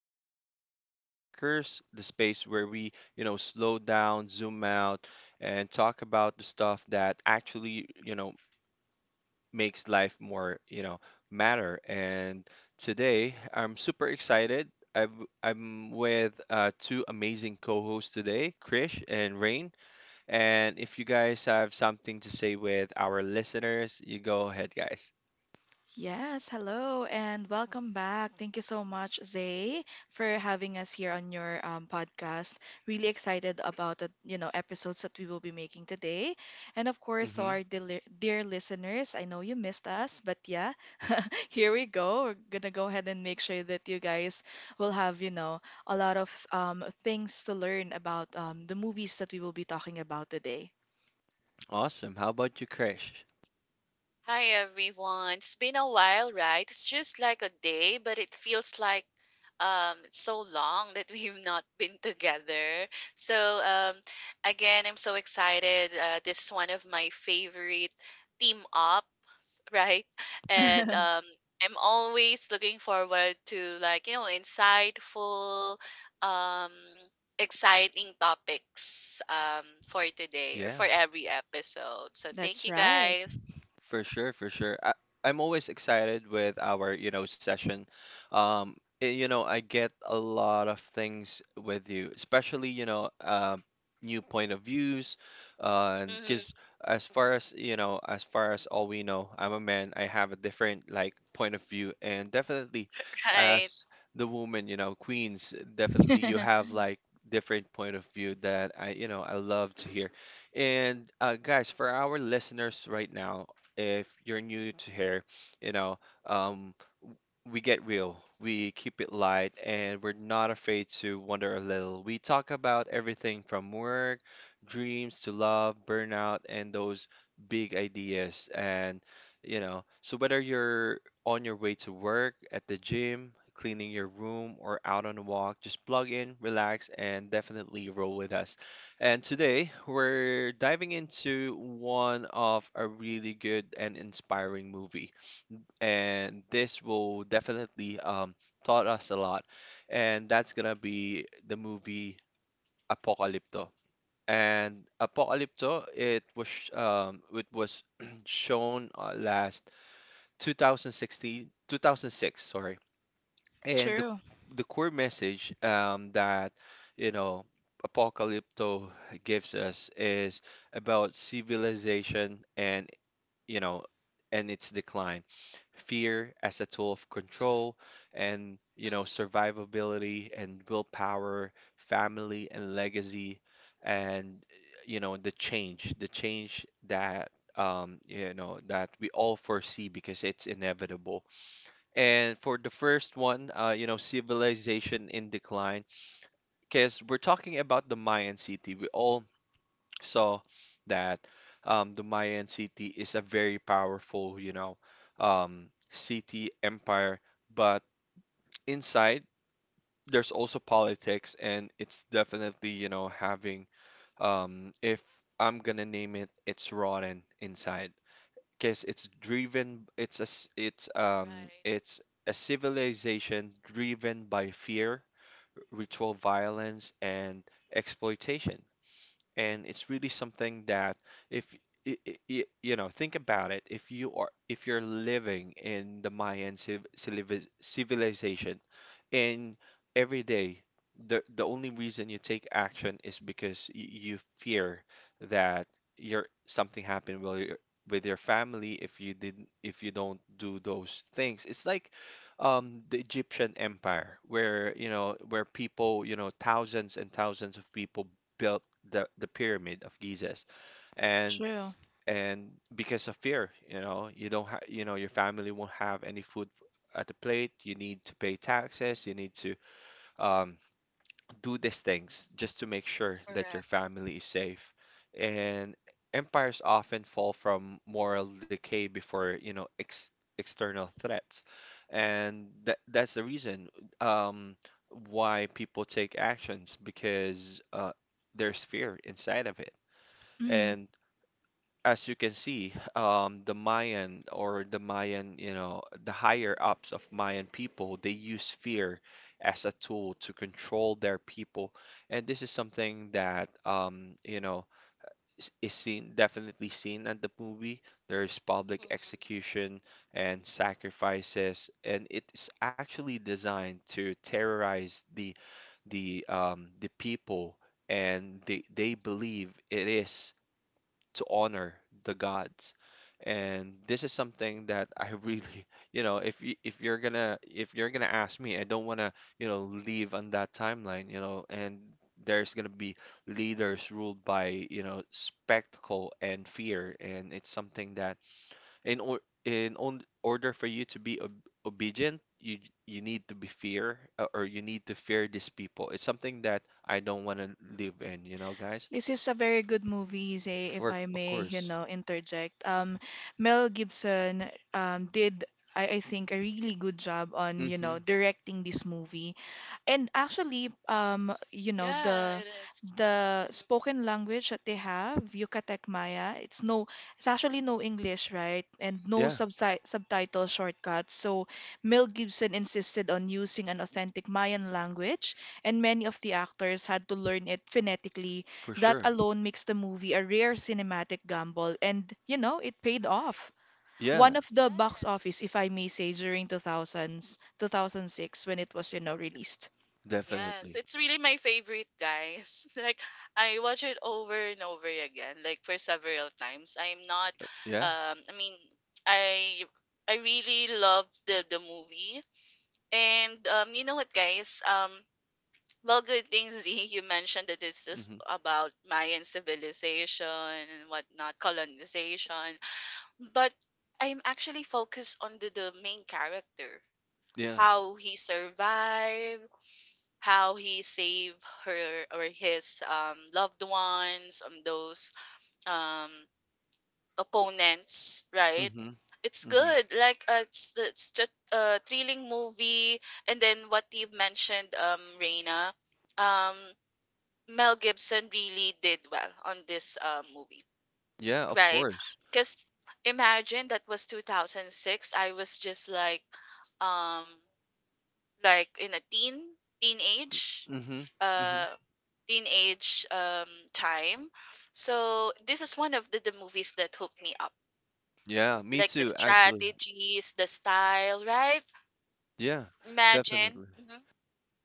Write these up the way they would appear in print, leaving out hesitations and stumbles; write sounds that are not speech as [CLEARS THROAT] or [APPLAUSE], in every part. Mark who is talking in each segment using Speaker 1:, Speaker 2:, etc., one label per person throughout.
Speaker 1: back to Vibe Walkers, the space where we, slow down, zoom out, and talk about the stuff that actually, makes life more, matter. And today, I'm super excited. I'm with two amazing co-hosts today, Krish and Rain. And if you guys have something to say with our listeners, you go ahead, guys.
Speaker 2: Yes, hello and welcome back. Thank you so much, Zay, for having us here on your podcast. Really excited about the episodes that we will be making today. And of course, to
Speaker 1: Hmm
Speaker 2: our dear, dear listeners, I know you missed us, but yeah, [LAUGHS] here we go. We're gonna go ahead and make sure that you guys will have a lot of things to learn about the movies that we will be talking about today.
Speaker 1: Awesome. How about you, Krish?
Speaker 3: Hi everyone. It's been a while, right? It's just like a day, but it feels like so long that [LAUGHS] we've not been together. So um Again, I'm so excited. This is one of my favorite team up, [LAUGHS] right? And
Speaker 2: [LAUGHS]
Speaker 3: I'm always looking forward to like, you know, insightful um exciting topics for today or for every episode. So thank
Speaker 2: That's
Speaker 3: you
Speaker 2: right.
Speaker 3: guys.
Speaker 1: For sure, for sure. I'm always excited with our, session. You know, I get a lot of things with you, especially, new point of views. And
Speaker 3: Mhm.
Speaker 1: because as far as as far as all we know, I'm a man, I have a different like point of view. And definitely
Speaker 3: Right.
Speaker 1: as the woman, queens, definitely you have like different point of view that I love to hear. And guys, for our listeners right now, if you're new to here, you know, um, w- we get real, we keep it light, and we're not afraid to wonder a little. We talk about everything from work, dreams to love, burnout, and those big ideas. And, so whether you're on your way to work, at the gym, cleaning your room, or out on a walk, just plug in, relax, and definitely roll with us. And today we're diving into one of a really good and inspiring movie. And this will definitely taught us a lot. And that's gonna be the movie Apocalypto. And Apocalypto, it was [CLEARS THROAT] shown last 2016, 2006, sorry,
Speaker 2: [LAUGHS]
Speaker 1: and the
Speaker 2: True,
Speaker 1: the core message that you know Apocalypto gives us is about civilization and you know and its decline, fear as a tool of
Speaker 3: Mm-hmm.
Speaker 1: control, and you know
Speaker 3: Hmm.
Speaker 1: survivability and willpower, family and legacy, and you know the change that you know that we all foresee because it's inevitable. And for the first one, you know, civilization in decline, because we're talking about the Mayan city. We all saw that the Mayan city is a very powerful, city empire, but inside there's also politics, and it's definitely, having, if I'm gonna name it, it's rotten inside because it's
Speaker 3: Right.
Speaker 1: it's a civilization driven by fear, ritual violence, and exploitation. And it's really something that if you know think about it if you are if you're living in the Mayan civilization. And every day the only reason you take action is because you fear that your something happened with your family if you didn't if you don't do those things. It's like the Egyptian empire where you know where people you know thousands and thousands of people built the pyramid of Gizeh. And
Speaker 2: true.
Speaker 1: and because of fear, you know, you don't have, you know, your family won't have any food at the plate. You need to pay taxes. You need to um, do these things just to make sure that your
Speaker 3: Correct.
Speaker 1: family is safe. And empires often fall from moral decay before, ex external threats. And that's the reason um, why people take actions because there's fear inside of it.
Speaker 2: Mm-hmm.
Speaker 1: And as you can see, the Mayan or the Mayan, you know, the higher ups of Mayan people, they use fear as a tool to control their people. And this is something that, you know, is seen definitely seen at the movie. There's public
Speaker 3: Hmm.
Speaker 1: execution and sacrifices, and it's actually designed to terrorize the people, and they believe it is to honor the gods. And this is something that I really, [LAUGHS] you know, if you're gonna ask me, I don't wanna, you know, leave on that timeline, you know. And there's gonna be leaders ruled by, you know, spectacle and fear, and it's something that in or in order for you to be ob obedient, you need to be fear or you need to fear these people. It's something that I don't wanna live in, you know, guys.
Speaker 2: This is a very good movie, say, if
Speaker 1: For
Speaker 2: I
Speaker 1: of
Speaker 2: may, you
Speaker 1: course.
Speaker 2: know, interject. Mel Gibson did, I think, a really good job on, you
Speaker 1: Hmm
Speaker 2: know, directing this movie. And actually,
Speaker 3: Yeah,
Speaker 2: the
Speaker 3: it is.
Speaker 2: the
Speaker 3: Mhm.
Speaker 2: spoken language that they have, Yucatec Maya, it's no, it's actually no English, right? And no
Speaker 1: Yeah.
Speaker 2: subtitle shortcuts. So Mel Gibson insisted on using an authentic Mayan language, and many of the actors had to learn it phonetically.
Speaker 1: For
Speaker 2: That
Speaker 1: sure.
Speaker 2: alone makes the movie a rare cinematic gamble, and it paid off.
Speaker 3: Correct.
Speaker 2: One
Speaker 1: Yeah,
Speaker 2: of the box office,
Speaker 3: Yes.
Speaker 2: if I may say, during 2000s, 2006 when it was released.
Speaker 3: Yes,
Speaker 1: definitely.
Speaker 3: it's really my favorite, guys. [LAUGHS] Like I watch it over and over again, like for several times. I'm not
Speaker 1: Yeah.
Speaker 3: I mean, I I really love the movie. And You know what, guys? Well, good things, [LAUGHS] Z, you mentioned that this is
Speaker 1: Mm-hmm.
Speaker 3: about Mayan civilization and whatnot, colonization. But I'm actually focused on the main character,
Speaker 1: Yeah.
Speaker 3: how he survived, how he saved her or his loved ones on those um, opponents, right?
Speaker 1: Mm-hmm.
Speaker 3: It's
Speaker 1: Mm-hmm.
Speaker 3: good. Like it's just a thrilling movie. And then what you've mentioned, Reina, um, Mel Gibson really did well on this movie.
Speaker 1: Yeah, of
Speaker 3: Right.
Speaker 1: course.
Speaker 3: Because imagine that was 2006. I was just um, like in a teen, teenage,
Speaker 1: Mm-hmm. Mm-hmm.
Speaker 3: uh, teenage time. So this is one of the movies that hooked me up,
Speaker 1: Yeah, me
Speaker 3: like the
Speaker 1: too, actually.
Speaker 3: strategies, the style, right?
Speaker 1: Yeah,
Speaker 3: Imagine.
Speaker 1: definitely.
Speaker 3: Mhm. Mhm.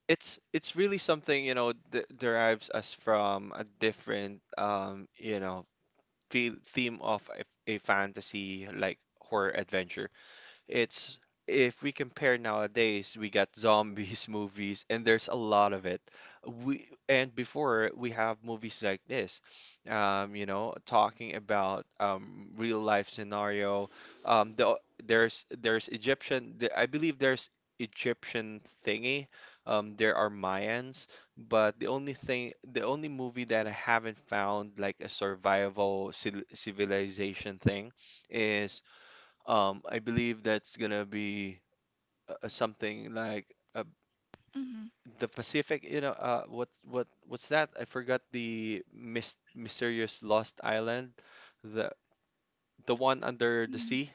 Speaker 1: It's really something, you know, de derives us from a different you know, feel theme of a fantasy like horror adventure. It's if we compare nowadays, we got zombies [LAUGHS] movies, and there's a lot of it. We and before we have movies like this, you know, talking about real life scenario. Um, the, there's Egyptian. I believe there's Egyptian thingy. There are Mayans, but the only thing, the only movie that I haven't found like a survival civil civilization thing is I believe that's gonna be something like uh,
Speaker 2: Hmm.
Speaker 1: the Pacific, you know, what what's that? I forgot the mys mysterious lost island, the the one under the sea.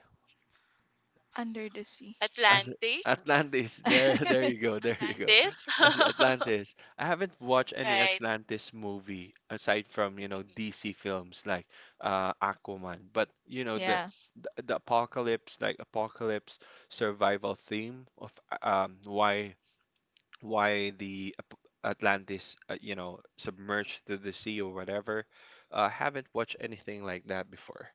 Speaker 2: Under the sea.
Speaker 1: At-
Speaker 3: Atlantic.
Speaker 1: Atlantis. There, [LAUGHS] there you
Speaker 2: [LAUGHS]
Speaker 1: go. There you go.
Speaker 3: Atlantis,
Speaker 1: As
Speaker 3: [LAUGHS]
Speaker 1: Atlantis. I haven't watched any
Speaker 3: right?
Speaker 1: Atlantis movie aside from, you know,
Speaker 3: Mhm.
Speaker 1: DC films like Aquaman. But, you know,
Speaker 2: Yeah.
Speaker 1: the apocalypse, like apocalypse survival theme of why the Atlantis, you know, submerged to the sea or whatever. Haven't watched anything like that before.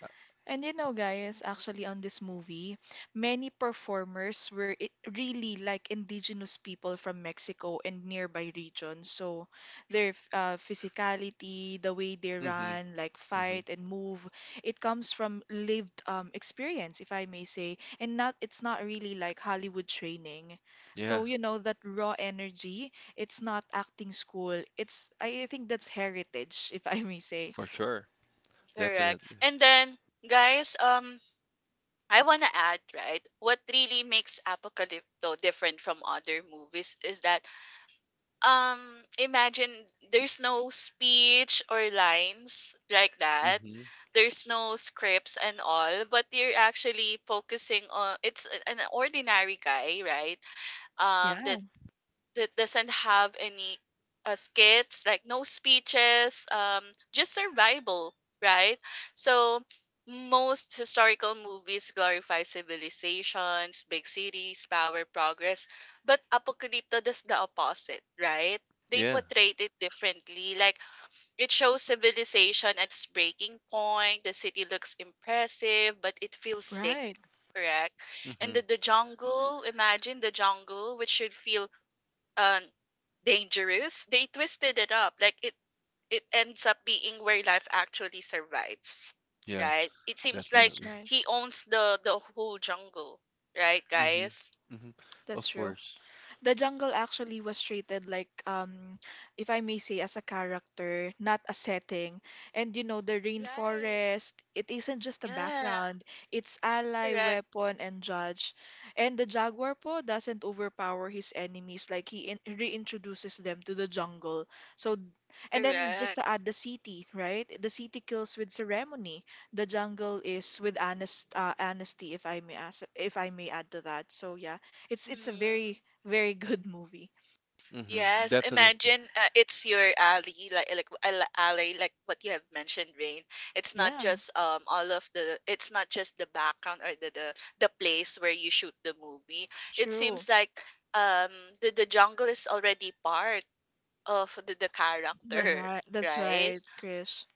Speaker 1: Uh,
Speaker 2: And guys, actually on this movie, many performers were really like indigenous people from Mexico and nearby regions. So their physicality, the way they
Speaker 1: mhm.
Speaker 2: run, like
Speaker 1: Mhm.
Speaker 2: fight and move, it comes from lived experience, if I may say, and not it's not really like Hollywood training.
Speaker 1: Yeah,
Speaker 2: So you know that raw energy, it's not acting school. It's I think that's heritage, if I may say.
Speaker 1: for sure.
Speaker 3: Correct.
Speaker 1: Definitely.
Speaker 3: And then, guys, I want to add, right? What really makes Apocalypto different from other movies is that um imagine there's no speech or lines like that.
Speaker 1: Mm-hmm.
Speaker 3: There's no scripts and all, but you're actually focusing on an ordinary guy, right?
Speaker 2: Yeah,
Speaker 3: That that doesn't have any skits, like no speeches, just survival, right? So most historical movies glorify civilizations, big cities, power, progress, but Apocalypto does the opposite, right? They portrayed it differently. Like it shows civilization at its breaking point. The city looks impressive, but it feels sick,
Speaker 2: right.
Speaker 3: correct? And
Speaker 1: Mm-hmm.
Speaker 3: the jungle, imagine the jungle, which should feel um dangerous, they twisted it up. Like it ends up being where life actually survives.
Speaker 1: Yeah,
Speaker 3: Right? It seems like
Speaker 2: That's
Speaker 1: definitely.
Speaker 2: right.
Speaker 3: he owns the whole jungle. Right, guys?
Speaker 1: Mm-hmm. Mm-hmm.
Speaker 2: That's
Speaker 1: Of
Speaker 2: true.
Speaker 1: course.
Speaker 2: The jungle actually was treated like if I may say as a character, not a setting. And the
Speaker 3: Right.
Speaker 2: rainforest, it isn't just a
Speaker 3: Yeah.
Speaker 2: background, it's ally,
Speaker 3: Correct.
Speaker 2: weapon, and judge. And the jaguar po doesn't overpower his enemies, like he in reintroduces them to the jungle. So and then just
Speaker 3: Correct.
Speaker 2: to add the city, right? The city kills with ceremony. The jungle is with honesty, if I may ask, if I may add to that. So yeah, it's a very
Speaker 3: Mm-hmm.
Speaker 2: very good [LAUGHS] movie.
Speaker 1: Mm-hmm.
Speaker 3: Yes,
Speaker 1: Definitely.
Speaker 3: imagine it's your alley, like alley, like what you have mentioned, Rain. It's not
Speaker 2: Yeah,
Speaker 3: just all of the, it's not just the background or the place where you shoot the movie. It
Speaker 2: true.
Speaker 3: seems like um the jungle is already part of the
Speaker 2: That's
Speaker 3: character,
Speaker 2: right.
Speaker 3: [LAUGHS]
Speaker 2: That's
Speaker 3: right?
Speaker 2: right, Chris.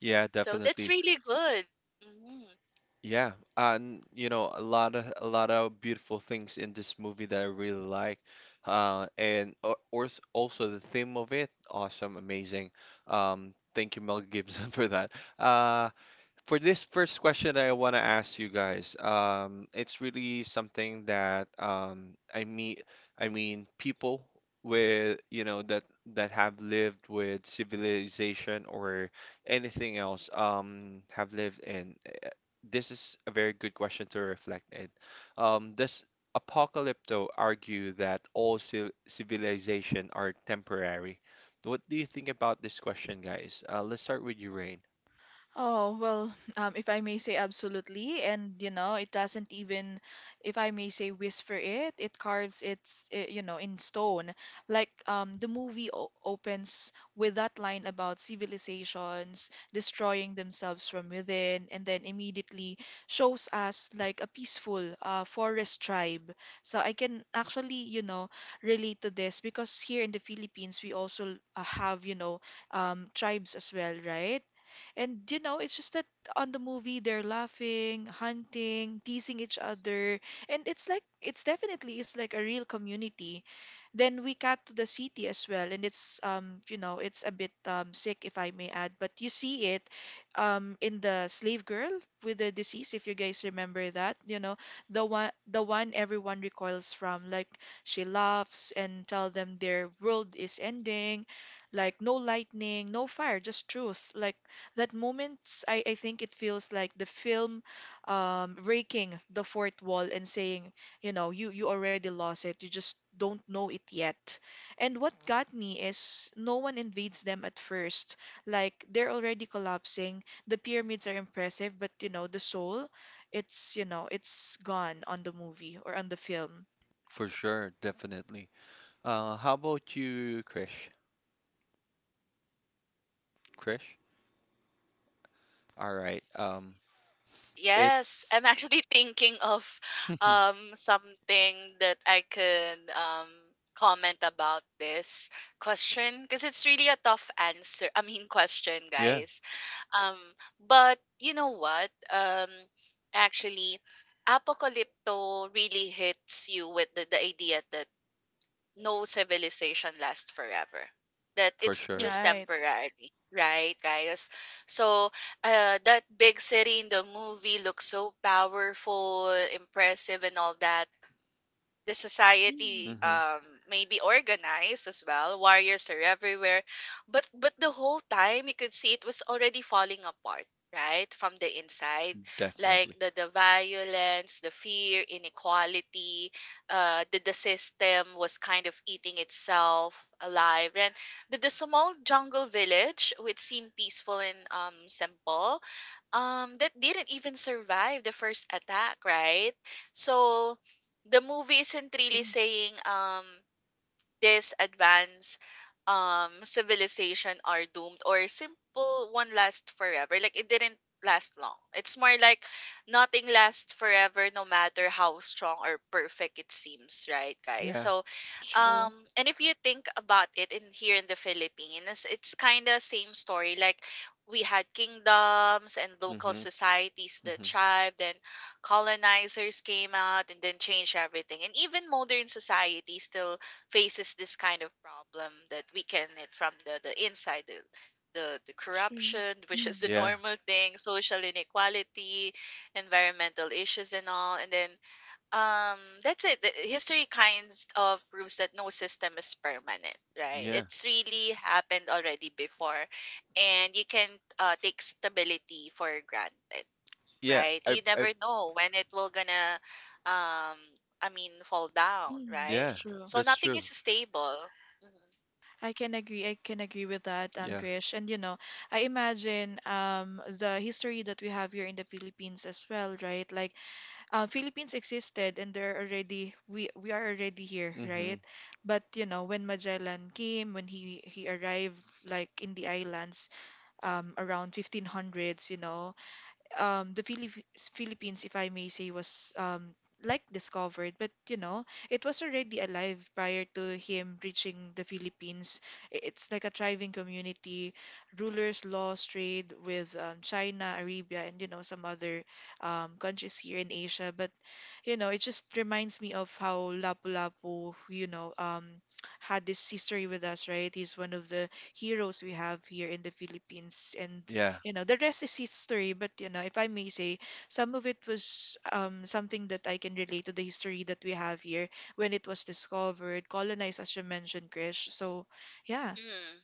Speaker 1: Yeah,
Speaker 3: So that's
Speaker 1: definitely.
Speaker 3: really good. Mm-hmm.
Speaker 1: Yeah, and you know, a lot of beautiful things in this movie that I really like. And or also the theme of it, awesome, amazing. Thank you, Mel Gibson, [LAUGHS] for that. Uh, for this first question I want to ask you guys, it's really something that I meet. I mean, people with you know that that have lived with civilization or anything else have lived in. This is a very good question to reflect in. Does Apocalypto argue that all civilization are temporary? What do you think about this question, guys? Let's start with you, Rain.
Speaker 2: Oh, well, if I may say absolutely, and it doesn't even, if I may say whisper it, it carves its, in stone. Like the movie o opens with that line about civilizations destroying themselves from within, and then immediately shows us like a peaceful forest tribe. So I can actually, relate to this because here in the Philippines, we also have tribes as well, right? And it's just that on the movie they're laughing, hunting, teasing each other, and it's like it's definitely is like a real community. Then we cut to the city as well, and it's you know it's a bit sick if I may add, but you see it in the slave girl with the disease if you guys remember that, the one everyone recoils from, like she laughs and tell them their world is ending, like no lightning, no fire, just truth, like that moment, I think it feels like the film breaking the fourth wall and saying, you already lost it. You just don't know it yet. And what got me is no one invades them at first. Like they're already collapsing. The pyramids are impressive, but the soul, it's gone on the movie or on the film.
Speaker 1: For sure, definitely. How about you, Krish? Krish? All right.
Speaker 3: Yes,
Speaker 1: It's
Speaker 3: I'm actually [LAUGHS] thinking of
Speaker 1: [LAUGHS]
Speaker 3: something that I could comment about this question because it's really a tough answer. I mean question,
Speaker 1: yeah,
Speaker 3: guys. Um but you know what? Actually Apocalypto really hits you with the idea that no civilization lasts forever. That
Speaker 1: for
Speaker 3: it's
Speaker 1: sure.
Speaker 3: just
Speaker 2: Right.
Speaker 3: temporary, right, guys? So, that big city in the movie looks so powerful, impressive, and all that. The
Speaker 2: Mm,
Speaker 3: society
Speaker 1: Mm-hmm.
Speaker 3: may be organized as well, warriors are everywhere, but the whole time you could see it was already falling apart right from the inside, like
Speaker 1: Definitely.
Speaker 3: the violence, the fear, inequality. The system was kind of eating itself alive. And the small jungle village, which seemed peaceful and simple, that didn't even survive the first attack, right? So the movie isn't really
Speaker 2: true,
Speaker 3: saying this advanced civilization are doomed or simple one last forever. Like it didn't last long. It's more like nothing lasts forever, no matter how strong or perfect it seems, right, guys?
Speaker 1: Yeah.
Speaker 3: So
Speaker 2: true,
Speaker 3: and if you think about it, in here in the Philippines, it's kind of same story. Like we had kingdoms and local
Speaker 1: Mm-hmm.
Speaker 3: societies, the
Speaker 1: Mm-hmm.
Speaker 3: tribe, then colonizers came out and then changed everything. And even modern society still faces this kind of problem that we can it from the inside, the
Speaker 2: true.
Speaker 3: corruption [LAUGHS] which is
Speaker 2: Mm,
Speaker 3: the
Speaker 1: Yeah.
Speaker 3: normal thing, social inequality, environmental issues, and all. And then that's it. The history kinds of proves that no system is permanent, right?
Speaker 1: Yeah.
Speaker 3: It's really happened already before. And you can take stability for granted,
Speaker 1: Yeah.
Speaker 3: right? You
Speaker 1: I.
Speaker 3: never know when it will gonna, um, I mean, fall down,
Speaker 2: mm,
Speaker 3: right?
Speaker 1: Yeah.
Speaker 2: true.
Speaker 3: So
Speaker 1: That's
Speaker 3: nothing
Speaker 1: true.
Speaker 3: is stable. Mm-hmm.
Speaker 2: I can agree. I can agree with that,
Speaker 1: Yeah.
Speaker 2: Krish. And I imagine the history that we have here in the Philippines as well, right? Like, Philippines existed, and they're already we are already here,
Speaker 1: Mm-hmm.
Speaker 2: right? But when Magellan came, when he arrived like in the islands, around 1500s, the Philippines, if I may say, was like discovered, but it was already alive prior to him reaching the Philippines. It's like a thriving community, rulers, laws, trade with China, Arabia, and some other countries here in Asia. But it just reminds me of how Lapu-Lapu had this history with us, right? He's one of the heroes we have here in the Philippines, and
Speaker 1: Yeah.
Speaker 2: you know the rest is history, but if I may say, some of it was something that I can relate to the history that we have here when it was discovered, colonized, as you mentioned, Krish, so yeah.
Speaker 3: Mm,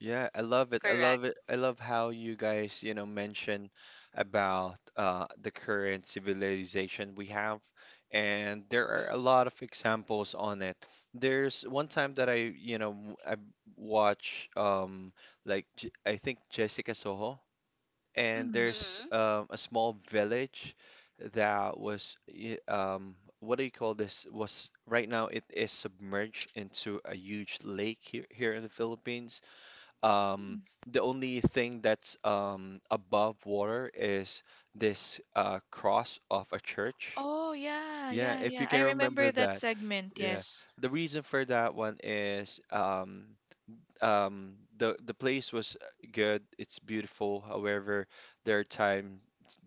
Speaker 1: Yeah, I love it. I
Speaker 3: correct.
Speaker 1: love it. I love how you guys, you know, mention about the current civilization we have. And there are
Speaker 3: Mm-hmm.
Speaker 1: a lot of examples on it. There's one time that I, you know, w- I watch like J I think Jessica Soho, and
Speaker 2: Mm.
Speaker 1: there's
Speaker 3: Mm-hmm.
Speaker 1: a small village that was what do you call this? Was right now it is submerged into a huge lake here here in the Philippines. um,
Speaker 2: Mm.
Speaker 1: the only thing that's above water is this cross of a church.
Speaker 2: Oh, yeah,
Speaker 1: Yeah,
Speaker 2: yeah,
Speaker 1: if you
Speaker 2: yeah, I
Speaker 1: can remember
Speaker 2: remember that
Speaker 1: that.
Speaker 2: segment.
Speaker 1: Yeah.
Speaker 2: Yes.
Speaker 1: The reason for that one is the place was good, it's beautiful. However, there are times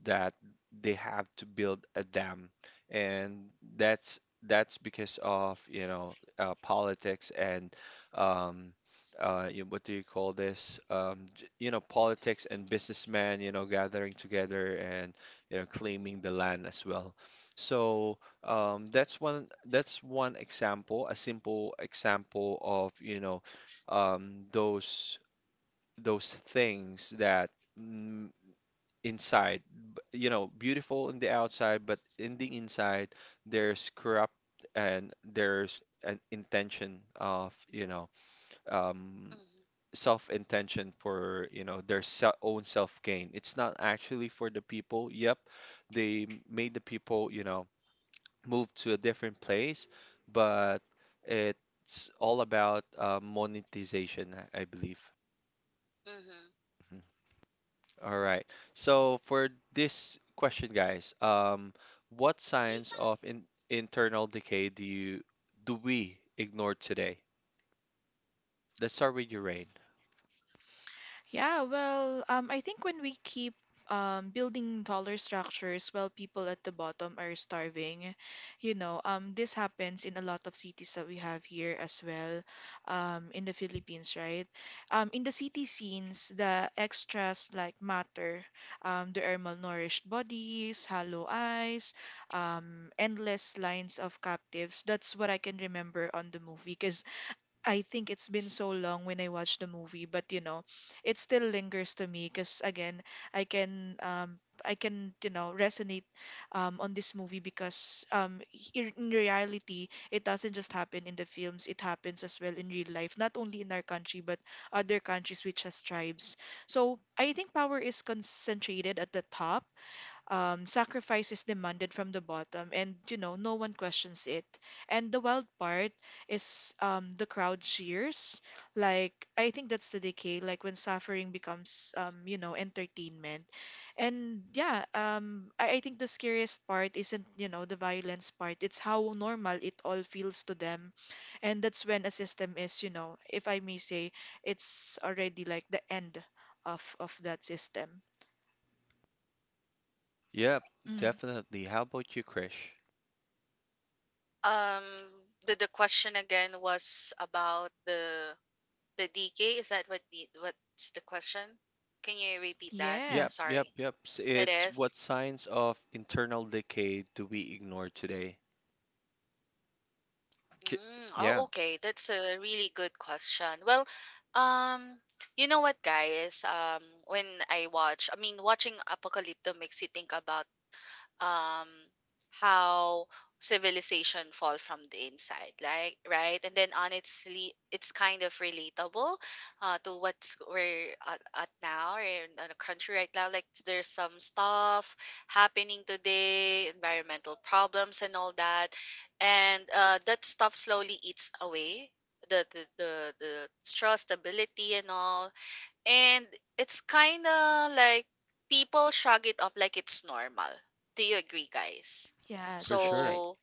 Speaker 1: that they have to build a dam, and that's because of you know politics and um what do you call this you know politics and businessmen you know gathering together and you know claiming
Speaker 3: Mm-hmm.
Speaker 1: the land as well. So
Speaker 3: Mm-hmm.
Speaker 1: that's one example, a simple example of you know um, those those things that mm, inside, you know, beautiful in the outside, but in the inside, there's corrupt. And there's an intention of, you know, um,
Speaker 3: Mm-hmm.
Speaker 1: self-intention for, you know, their se own self-gain. It's not actually for the people. Yep, they made the people, you know, move to a different place, but it's all about monetization, I believe.
Speaker 3: Mm-hmm.
Speaker 1: Mm-hmm. All right. So for this question, guys, what signs of in internal decay do you do we ignore today? Let's start with you, Rain.
Speaker 2: Yeah, well, I think when we keep building taller structures while people at the bottom are starving, this happens in a lot of cities that we have here as well, in the Philippines, right? In the city scenes, the extras like matter. There are malnourished bodies, hollow eyes, endless lines of captives. That's what I can remember on the movie because I think it's been so long when I watched the movie, but it still lingers to me because again, I can resonate on this movie because in reality it doesn't just happen in the films, it happens as well in real life, not only in our country but other countries which has tribes. So I think power is concentrated at the top, sacrifice is demanded from the bottom, and no one questions it, and the wild part is the crowd cheers like I think that's the decay, like when suffering becomes entertainment, and yeah, I think the scariest part isn't the violence part, it's how normal it all feels to them, and that's when a system is, if I may say, it's already like the end of that system.
Speaker 1: Yep,
Speaker 2: Mm.
Speaker 1: definitely. How about you, Krish?
Speaker 3: Um, the question again was about the DK. Is that what the what's the question? Can you repeat that?
Speaker 2: Yeah.
Speaker 1: Yep, yep,
Speaker 3: Sorry.
Speaker 1: yep.
Speaker 3: It
Speaker 1: It's
Speaker 3: is.
Speaker 1: what signs of internal decay do we ignore today? K-
Speaker 3: Mm,
Speaker 1: Yeah,
Speaker 3: oh, okay. That's a really good question. Well, um, you know what, guys? When I watch, I mean, watching Apocalypto makes you think about um how civilization fall from the inside, like, right? And then honestly, it's kind of relatable to what's we're at now or in the country right now. Like there's some stuff happening today, environmental problems and all that. And that stuff slowly eats away the trust, ability, and all. And it's kind of like people shrug it off like it's normal. Do you agree, guys?
Speaker 1: for
Speaker 2: Yes, that's
Speaker 1: sure.
Speaker 2: right.
Speaker 3: So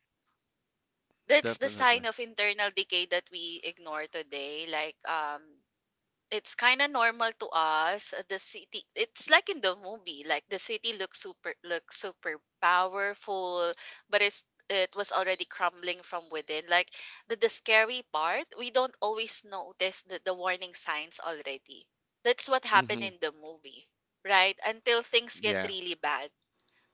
Speaker 3: that's the
Speaker 1: Definitely.
Speaker 3: sign of internal decay that we ignore today. Like, it's kind of normal to us. The city, it's like in the movie, like the city looks super powerful, but it was already crumbling from within. Like the scary part, we don't always notice the warning signs already. That's what happened
Speaker 1: Mm-hmm.
Speaker 3: in the movie, right? Until things get
Speaker 1: Yeah.
Speaker 3: really bad.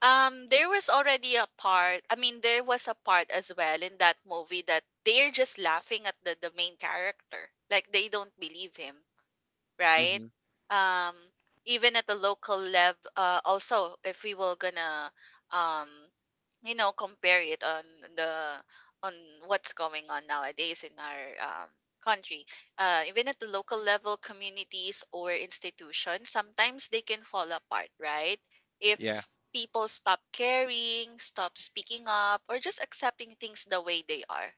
Speaker 3: There was already a part. I mean, there was a part as well in that movie that they're just laughing at the main character, like they don't believe him, right?
Speaker 1: Mm-hmm.
Speaker 3: Um, Even at the local level, also if we were gonna, um, you know, compare it on the on what's going on nowadays in our country, even at the local level, communities or institutions, sometimes they can fall apart, right? If
Speaker 1: Yeah.
Speaker 3: s- people stop caring, stop speaking up, or just accepting things the way they are,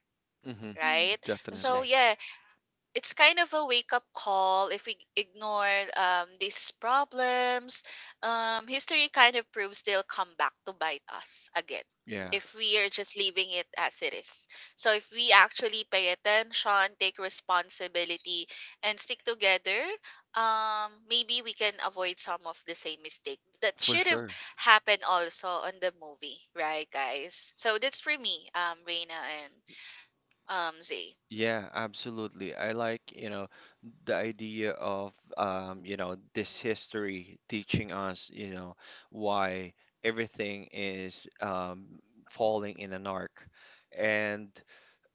Speaker 1: Mm-hmm.
Speaker 2: Mhm.
Speaker 3: right?
Speaker 2: That's
Speaker 3: So
Speaker 2: right.
Speaker 1: Definitely.
Speaker 3: yes, it's kind of a wake up call if we ignore these problems. History kind of proves they'll come back to bite us again
Speaker 1: Yeah,
Speaker 3: if we are just leaving it as it is. So if we actually pay attention, take responsibility, and stick together, maybe we can avoid some of the same mistake that
Speaker 1: for
Speaker 3: should have
Speaker 1: sure.
Speaker 3: happened also on the movie, right, guys? So that's for me, Reina and Zay.
Speaker 1: Yeah, absolutely. I like, you know, the idea of, you know, this history teaching us, you know, why everything is falling in an arc. And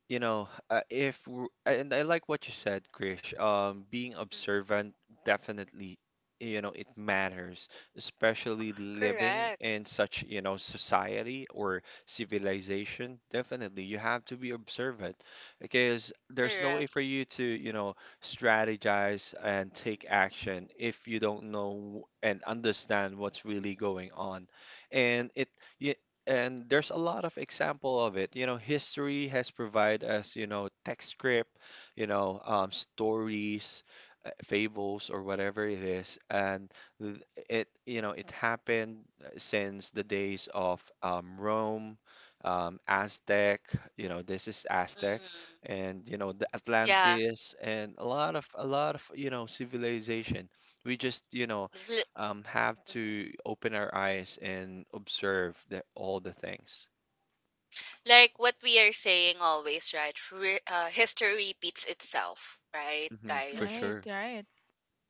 Speaker 1: you know, if w- and I like what you said, Krish. Being
Speaker 3: Mm,
Speaker 1: observant definitely, you know, it matters, especially living
Speaker 3: correct.
Speaker 1: in such, you know, society or civilization. Definitely, you have to be observant because there's no
Speaker 3: Correct.
Speaker 1: way for you to, you know, strategize and take action if you don't know and understand what's really going on. And it, yeah, and there's a lot of example of it, history has provided us, text script, stories, fables or whatever it is. And th- it you know it happened since the days of Rome, Aztec. You know, this is Aztec,
Speaker 3: Mhm.
Speaker 1: and you know the
Speaker 3: Yeah.
Speaker 1: Atlantis, and a lot of you know civilization. We just
Speaker 3: L-
Speaker 1: have
Speaker 3: mhm.
Speaker 1: to open our eyes and observe all the things.
Speaker 2: It's true.
Speaker 3: Like what we are saying always, right? History repeats itself, right,
Speaker 1: Hmm, for
Speaker 2: Right,
Speaker 3: guys?
Speaker 1: sure,
Speaker 2: right,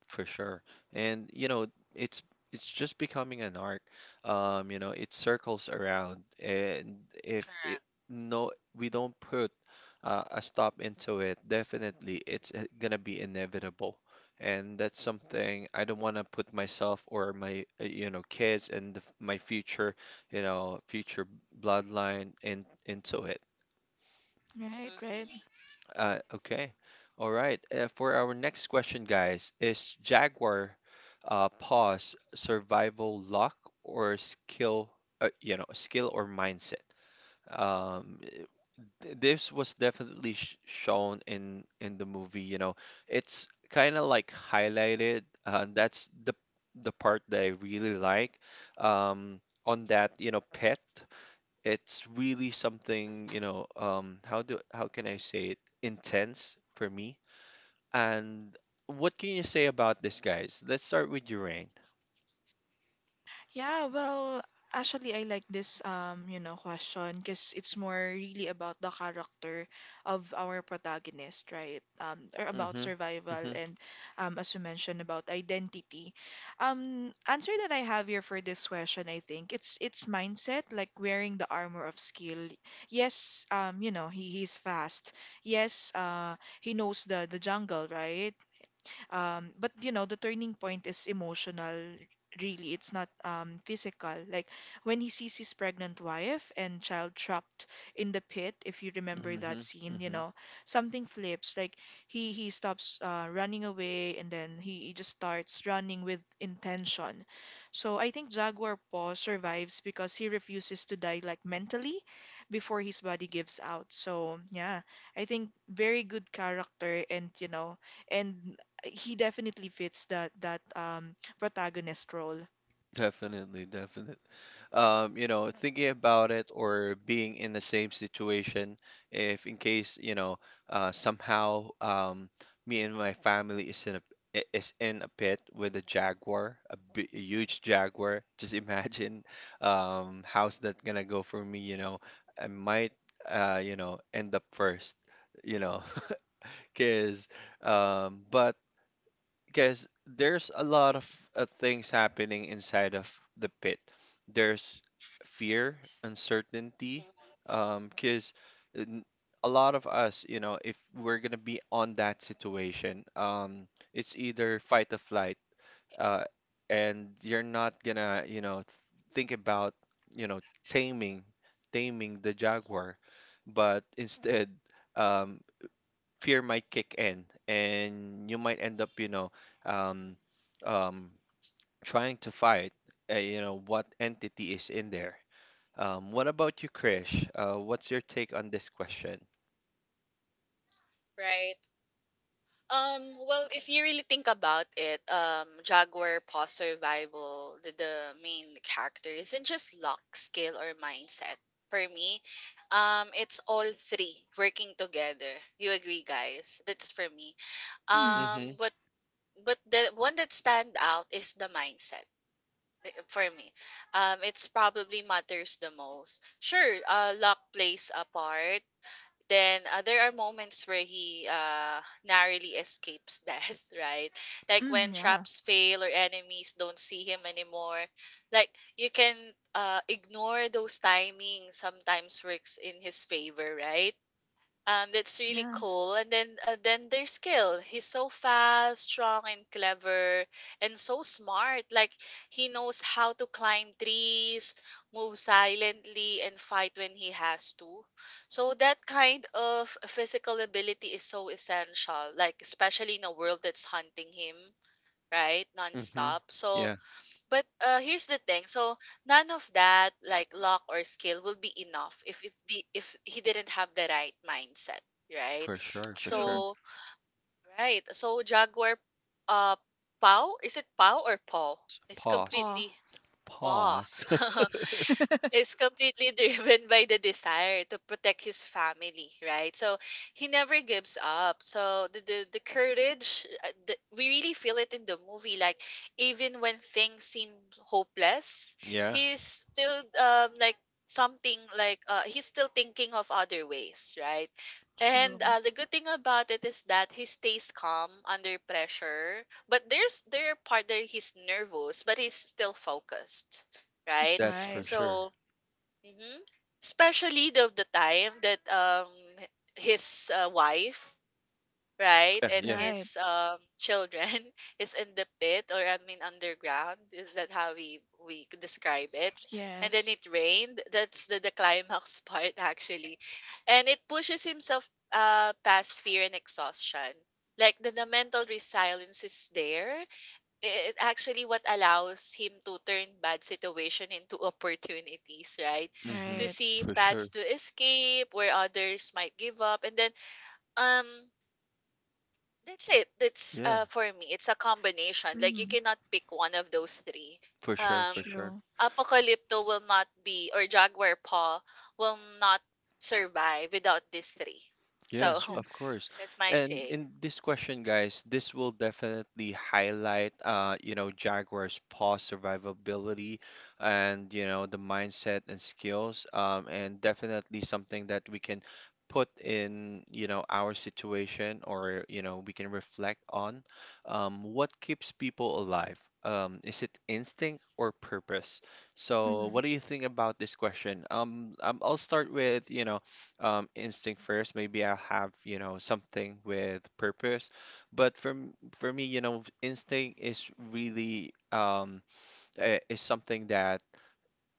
Speaker 1: for sure. And you know, it's it's just becoming an art. You know, it circles around, and if it,
Speaker 3: Correct.
Speaker 1: no, we don't put a stop into it. Definitely it's gonna be inevitable. And that's something I don't want to put myself or my, you know, kids and my future, you know, future bloodline in into it.
Speaker 2: right, right.
Speaker 3: Mm-hmm.
Speaker 1: Okay. All right. For our next question, guys, is Jaguar pause, survival, luck or skill, you know, skill or mindset? Um, eh, this was definitely sh shown in the movie, you know. It's kind of like highlighted, that's the part that I really like. Um, on that, you know, pet. It's really something, you know, how can I say it? Intense for me. And what can you say about this, guys? Let's start with Urain.
Speaker 2: Yeah, well, actually, I like this question because it's more really about the character of our protagonist, right? Or about
Speaker 1: Mm-hmm.
Speaker 2: survival
Speaker 1: Mm-hmm.
Speaker 2: and, as you mentioned, about identity. Answer that I have here for this question, I think it's mindset, like wearing the armor of skill. Yes, he's fast. Yes, he knows the jungle, right? But the turning point is emotional, really. It's not physical. Like when he sees his pregnant wife and child trapped in the pit, if you remember that scene, you
Speaker 1: Mm-hmm.
Speaker 2: know, something flips. Like he stops running away and then he just starts running with intention. So I think Jaguar Paw survives because he refuses to die, like mentally, before his body gives out. So yeah, I think very good character, and you know and he definitely fits that protagonist role.
Speaker 1: Definitely, definitely. You know, thinking about it or being in the same situation, if in case, you know, somehow me and my family is in is in a pit with a jaguar, a huge jaguar. [LAUGHS] Just imagine how's that gonna go for me, you know? I might, you know, end up first, you know, [LAUGHS] because but because there's a lot of things happening inside of the pit. There's fear, uncertainty,
Speaker 3: Hmm.
Speaker 1: because a lot of us, you know, if we're gonna be on that situation, it's either fight or flight, uh, and you're not gonna, you know, think about, you know, taming, taming the jaguar, but instead, um, fear might kick in, and you might end up um, um, trying to fight, you know, what entity is in there. What about you, Krish? What's your take on this question?
Speaker 3: Right. Well, if you really think about it, Jaguar Paw Survival, the main character, isn't just luck, skill, or mindset. For me, it's all three working together. You agree, guys? That's for me.
Speaker 2: Mm,
Speaker 1: Mm-hmm.
Speaker 3: What. But the one that stand out is the mindset for me. It's probably matters the most. Sure, luck plays a part. Then there are moments where he narrowly escapes death, [LAUGHS] right? Like
Speaker 2: mm,
Speaker 3: when
Speaker 2: yeah,
Speaker 3: traps fail or enemies don't see him anymore. Like you can ignore those timings. Sometimes works in his favor, right? That's really
Speaker 2: yeah,
Speaker 3: cool. And then there's skill. He's so fast, strong, and clever, and so smart. Like he knows how to climb trees, move silently, and fight when he has to. So that kind of physical ability is so essential. Like especially in a world that's hunting him, right,
Speaker 1: Mm-hmm.
Speaker 3: nonstop. So
Speaker 1: Yeah,
Speaker 3: but here's the thing. So none of that, like luck or skill, will be enough if the if he didn't have the right mindset, right?
Speaker 1: for sure, for
Speaker 2: true.
Speaker 1: sure.
Speaker 3: So right. So Jaguar, uh, Pau, is it Pau or Paw? It's
Speaker 1: Pause.
Speaker 2: Oh,
Speaker 3: completely Paw.
Speaker 1: Pause.
Speaker 3: [LAUGHS]
Speaker 2: [LAUGHS]
Speaker 3: is completely [LAUGHS] driven by the desire to protect his family, right? So he never gives up. So the courage, we really feel it in the movie. Like even when things seem hopeless,
Speaker 1: [LAUGHS] Yeah,
Speaker 3: he's still like something like he's still thinking of other ways, right?
Speaker 2: true.
Speaker 3: And the good thing about it is that he stays calm under pressure. But there are part that he's nervous, but he's still focused,
Speaker 2: That's
Speaker 3: right?
Speaker 1: that's for
Speaker 2: right.
Speaker 1: sure.
Speaker 3: So Mhm. Especially the time that his wife, right,
Speaker 1: Yeah,
Speaker 3: and
Speaker 1: yeah.
Speaker 2: Right.
Speaker 3: his children [LAUGHS] is in the pit, or I mean underground. Is that how we could describe it? And then
Speaker 2: Yes.
Speaker 3: it rained. That's the climax [LAUGHS] part actually, and it pushes himself past fear and exhaustion. Like the mental resilience is there. It actually what allows him to turn bad situation into [LAUGHS] opportunities, right?
Speaker 1: Mm-hmm.
Speaker 3: To
Speaker 2: Right.
Speaker 3: see
Speaker 1: For
Speaker 3: paths
Speaker 1: sure.
Speaker 3: to escape where others might give up, and then um, that's it. That's
Speaker 1: Yeah,
Speaker 3: for me, it's a combination. Like you
Speaker 2: Mm,
Speaker 3: cannot pick one of those three.
Speaker 1: for sure,
Speaker 3: Um,
Speaker 1: for sure.
Speaker 2: true.
Speaker 3: Apocalypto will not be, or Jaguar Paw will not survive without these three.
Speaker 1: Yeah,
Speaker 3: So
Speaker 2: That's
Speaker 3: [LAUGHS]
Speaker 2: true.
Speaker 1: of course.
Speaker 3: that's my
Speaker 1: And
Speaker 3: take.
Speaker 1: in this question, guys, this will definitely highlight, you know, Jaguar's past survivability and, you know, the mindset and skills, and definitely something that we can put in, you know, our situation or, you know, we can reflect on. What keeps people alive? Is it instinct or purpose? So, what
Speaker 2: Mm,
Speaker 1: do you think about this question? I'll start with, you know, instinct first. Maybe I'll have, you know, something with purpose. But for m- for me, you know, instinct is really is something that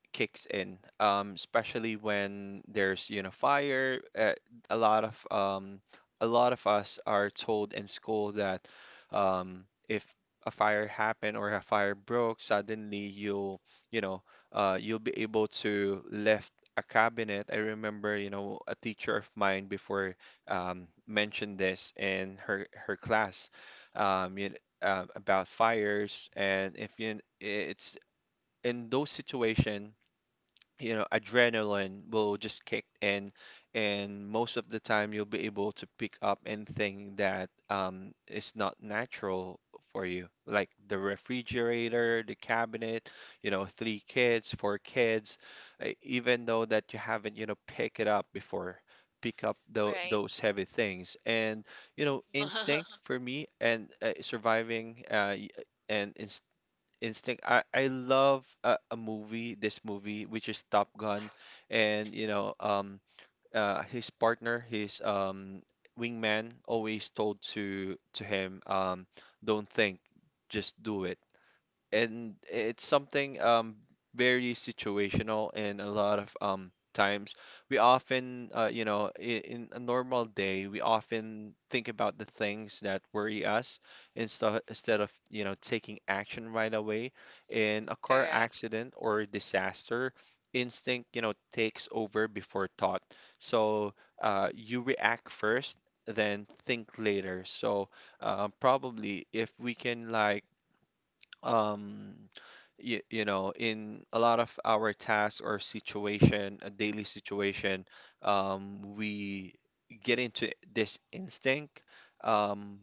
Speaker 1: kicks in, especially when there's, you know, fire. A lot of um, a lot of us are told in school that if a fire happened or a fire broke, suddenly you'll, you know, you'll be able to lift a cabinet. I remember, you know, a teacher of mine before mentioned this in her class. Um, you, about fires, and if you it's in those situation, you know, adrenaline will just kick in, and most of the time you'll be able to pick up anything that is not natural for you, like the refrigerator, the cabinet, you know, three kids, four kids, even though that you haven't, you know, pick it up before. Pick up
Speaker 3: Right.
Speaker 1: those heavy things. And you know, instinct, for me, and surviving y- and inst instinct. I love a movie, this movie, which is Top Gun, and you know, his partner, his wingman, always told to him, don't think, just do it. And it's something very situational, and a lot of times we often you know, in a normal day, we often think about the things that worry us, instead of, you know, taking action right away. In a
Speaker 3: [LAUGHS]
Speaker 1: car
Speaker 3: Correct.
Speaker 1: accident or disaster, instinct, you know, takes over before thought. So you react first, then think later. So probably if we can, like, um you, you know, in a lot of our tasks or situation, a daily situation, we get into this instinct, um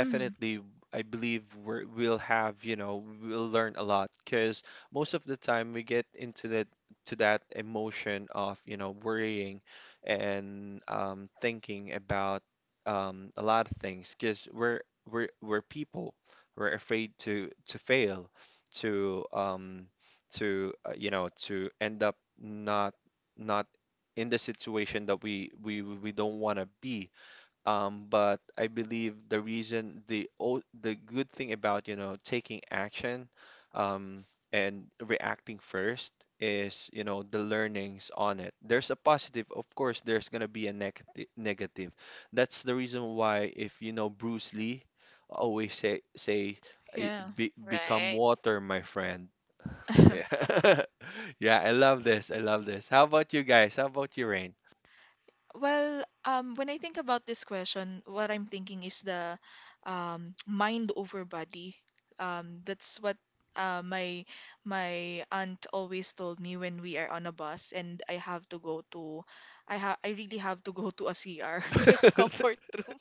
Speaker 2: mm,
Speaker 1: I believe we're, we'll have, you know, we'll learn a lot. Because most of the time we get into that, to that emotion of, you know, worrying and thinking about a lot of things, because we're people. We're afraid to fail, to you know, to end up not in the situation that we don't want to be. Um, but I believe the reason, the the good thing about, you know, taking action, and reacting first is, you know, the learnings on it. There's a positive, of course, there's gonna be a negative. That's the reason why, if you know Bruce Lee, always say, "I-
Speaker 2: yeah.
Speaker 1: be, become
Speaker 3: Right.
Speaker 1: water, my friend." Yeah.
Speaker 2: [LAUGHS]
Speaker 1: [LAUGHS] Yeah, I love this. I love this. How about you guys? How about you, Rain?
Speaker 2: Well, when I think about this question, what I'm thinking is the mind over body. That's what uh, my my aunt always told me when we are on a bus and I really have to go to a CR, [LAUGHS] like comfort
Speaker 1: [LAUGHS]
Speaker 2: room.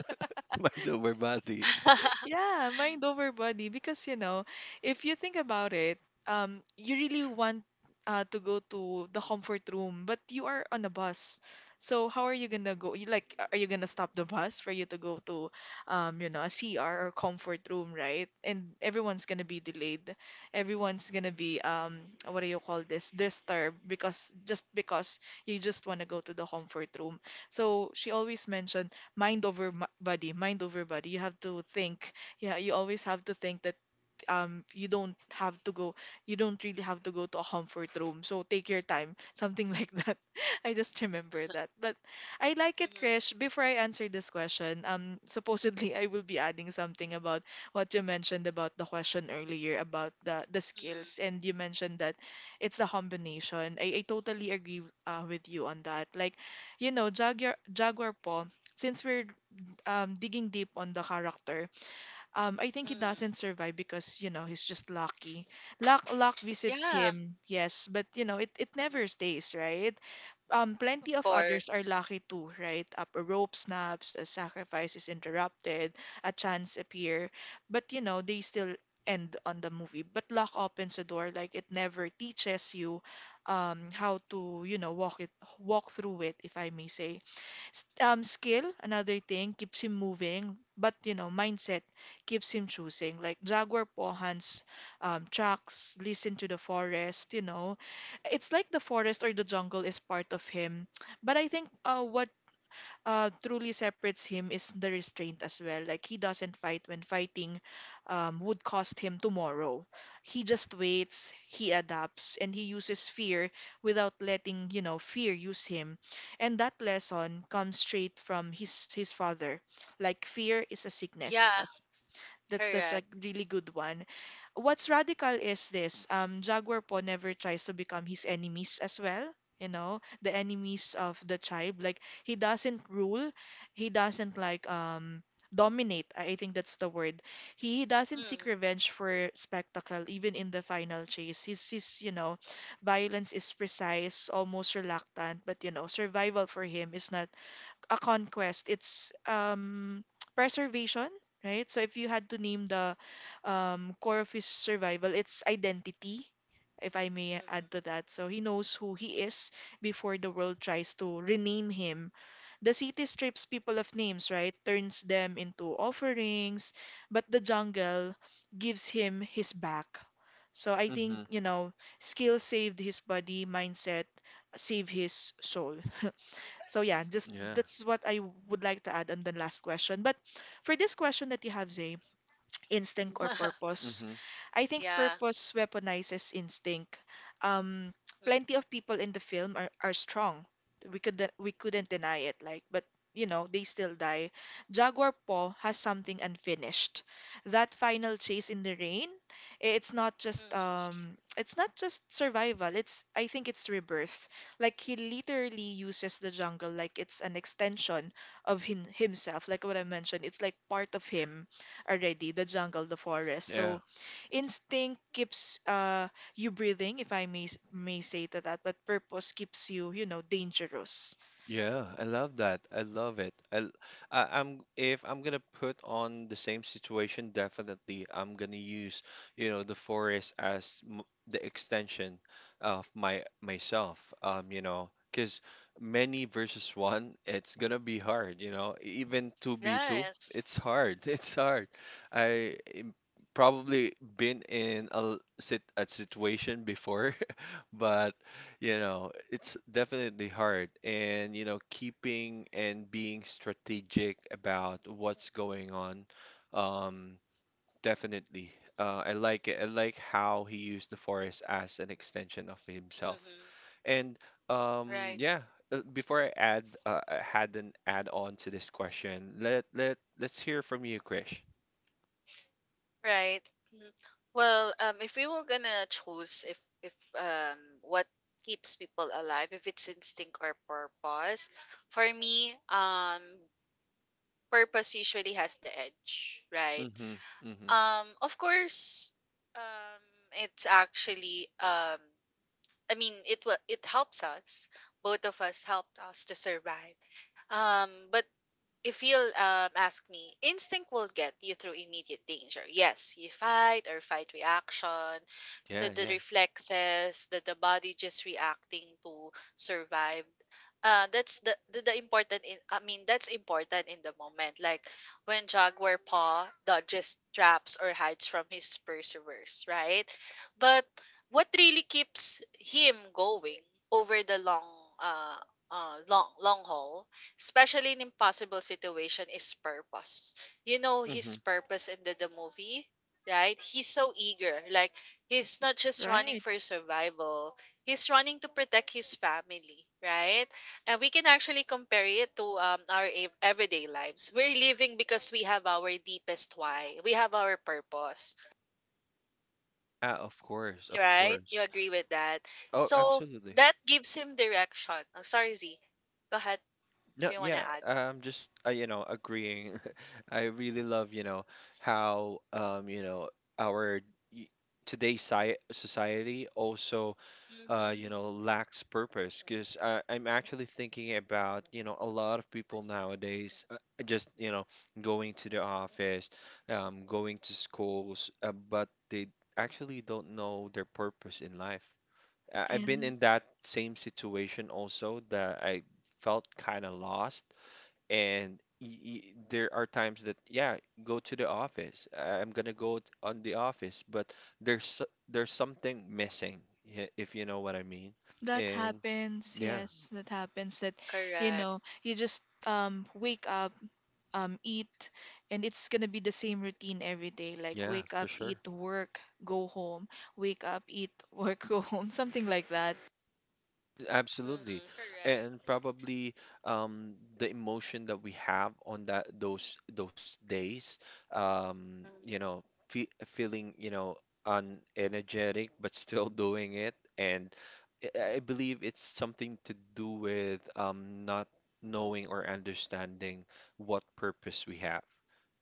Speaker 1: My lower body.
Speaker 3: [LAUGHS]
Speaker 2: Yeah, mind over body. Because, if you think about it, you really want to go to the comfort room, but you are on a bus. So how are you gonna go? You Like, are you gonna stop the bus for you to go to, a CR or comfort room, right? And everyone's gonna be delayed. Everyone's gonna be, what do you call this? Disturbed because you just wanna go to the comfort room. So she always mentioned mind over body, mind over body. You have to think. Yeah, you always have to think that you don't have to go, you don't really have to go to a comfort room. So take your time, [LAUGHS] something like that. [LAUGHS] I just remember that. But I like it,
Speaker 3: Mhm,
Speaker 2: Krish. Before I answer this question, supposedly I will be adding something about what you mentioned about the question earlier about the skills,
Speaker 3: mhm,
Speaker 2: and you mentioned that it's the combination. I totally agree with you on that. Like, Jaguar po, since we're digging deep on the character, I think he doesn't
Speaker 3: mhm.
Speaker 2: survive because, he's just lucky. Luck visits
Speaker 3: Yeah.
Speaker 2: him, yes, but it never
Speaker 3: Mhm.
Speaker 2: stays, right? Um,
Speaker 3: Of
Speaker 2: plenty of others are
Speaker 3: course.
Speaker 2: lucky too, right? Up a rope snaps, a sacrifice is interrupted, a chance appear, but they still end on the movie. But luck opens a door, like it never teaches you how to, walk through it, if I may say. Skill, another thing, keeps him moving, but mindset keeps him choosing. Like Jaguar Pohan's tracks, listen to the forest. It's like the forest or the jungle is part of him. But I think what truly separates him is the restraint as well. Like he doesn't fight when fighting would cost him tomorrow. He just waits, he adapts, and he uses fear without letting, fear use him. And that lesson comes straight from his father. Like fear is a sickness,
Speaker 3: Yeah,
Speaker 2: as that's a
Speaker 3: correct.
Speaker 2: really good one. What's radical is this. Jaguar po never tries to become his enemies as well. You know, the enemies of the tribe. Like he doesn't rule. He doesn't like dominate. I think that's the word. He doesn't seek
Speaker 3: Mhm,
Speaker 2: revenge for spectacle, even in the final chase. His violence is precise, almost reluctant, but survival for him is not a conquest. It's [TSK] preservation, right? So if you had to name the core of his survival, it's identity, if I may
Speaker 3: mhm.
Speaker 2: add to that. So he knows who he is before the world tries to rename him. The city strips people of names, right? Turns them into offerings, but the jungle gives him his back. So I think, skill saved his body, mindset saved his soul. So yeah, just
Speaker 1: Yeah.
Speaker 2: that's what I would like to add on the last question. But for this question that you have, Zay, instinct or
Speaker 3: [LAUGHS]
Speaker 2: purpose.
Speaker 1: Hmm.
Speaker 2: I think
Speaker 3: Yeah.
Speaker 2: purpose weaponizes instinct. Um,
Speaker 3: Mhm,
Speaker 2: plenty of people in the film are strong. We couldn't deny it. Like, but they still die. Jaguar Paw has something unfinished. That final chase in the rain, it's not
Speaker 3: mhm.
Speaker 2: just it's not just survival. It's I think it's rebirth. Like he literally uses the jungle like it's an extension of himself. Like what I mentioned, it's like part of him already, the jungle, the forest.
Speaker 1: Yeah.
Speaker 2: So instinct keeps you breathing, if I may say to that, but purpose keeps you, dangerous.
Speaker 1: Yeah, I love that. I love it. I'm, if I'm gonna put on the same situation, definitely I'm gonna use, you know, the forest as m the extension of my myself. You know, because many versus one, it's gonna be hard. You know, even two v two,
Speaker 3: Yes.
Speaker 1: it's hard. [LAUGHS] It's hard. I im- Probably been in a situation before. But, you know, it's definitely hard. And, you know, keeping and being strategic about what's going on, um, definitely. I like it. I like how he used the forest as an extension of himself.
Speaker 3: Mhm.
Speaker 1: And,
Speaker 3: Right.
Speaker 1: yeah, I had an add on to this question. Let's hear from you, Krish.
Speaker 3: Right. Mhm. If we were gonna choose if what keeps people alive, if it's instinct or purpose, for me, purpose usually has the edge, right?
Speaker 1: Mm-hmm. Mm-hmm.
Speaker 3: Of course, um, it's actually, I mean it helps us. Both of us helped us to survive. But if you'll ask me, instinct will get you through immediate danger. Yes, you fight or fight reaction, the,
Speaker 1: Yeah,
Speaker 3: the
Speaker 1: yeah.
Speaker 3: reflexes, the body just reacting to survive. That's the important in I mean that's important in the moment. Like when Jaguar Paw dodges traps or hides from his pursuers, right? But what really keeps him going over the long uh long haul, especially in impossible situation, is purpose. You know
Speaker 1: Mm-hmm.
Speaker 3: his purpose in the movie, right? He's so eager. Like he's not just running
Speaker 2: Right.
Speaker 3: for survival. He's running to protect his family, right? And we can actually compare it to our everyday lives. We're living because we have our deepest why. We have our purpose,
Speaker 1: Ah, of course, of
Speaker 3: right? You
Speaker 1: course.
Speaker 3: agree with that?
Speaker 1: Oh,
Speaker 3: So
Speaker 1: absolutely.
Speaker 3: that gives him direction. Oh, sorry, Z. Go ahead if
Speaker 1: No,
Speaker 3: you want to
Speaker 1: yeah,
Speaker 3: add.
Speaker 1: I'm just you know, agreeing. [LAUGHS] I really love, you know, how you know, our y- today's sci society also you know,
Speaker 3: Mm-hmm.
Speaker 1: lacks purpose. Because I'm actually thinking about, you know, a lot of people nowadays, just, you know, going to the office, going to schools, but they actually don't know their purpose in life. I've
Speaker 2: Yeah.
Speaker 1: been in that same situation also, that I felt kind of lost. And y y there are times that, yeah, go to the office. I'm gonna go on the office, but there's something missing, yeah, if you know what I mean.
Speaker 2: That
Speaker 1: And
Speaker 2: happens,
Speaker 1: yeah,
Speaker 2: yes, that happens that
Speaker 3: Correct.
Speaker 2: you just wake up, eat, and it's gonna be the same routine every day, like
Speaker 1: yeah,
Speaker 2: wake
Speaker 1: for
Speaker 2: up,
Speaker 1: sure.
Speaker 2: eat, work, go home, wake up, eat, work, [LAUGHS] go home, something like that.
Speaker 1: Absolutely.
Speaker 3: Mm-hmm. Correct.
Speaker 1: And probably the emotion that we have on that those days, you know,
Speaker 3: Mm-hmm.
Speaker 1: fe feeling, you know, unenergetic, but still [LAUGHS] doing it. And I believe it's something to do with not knowing or understanding what purpose we have.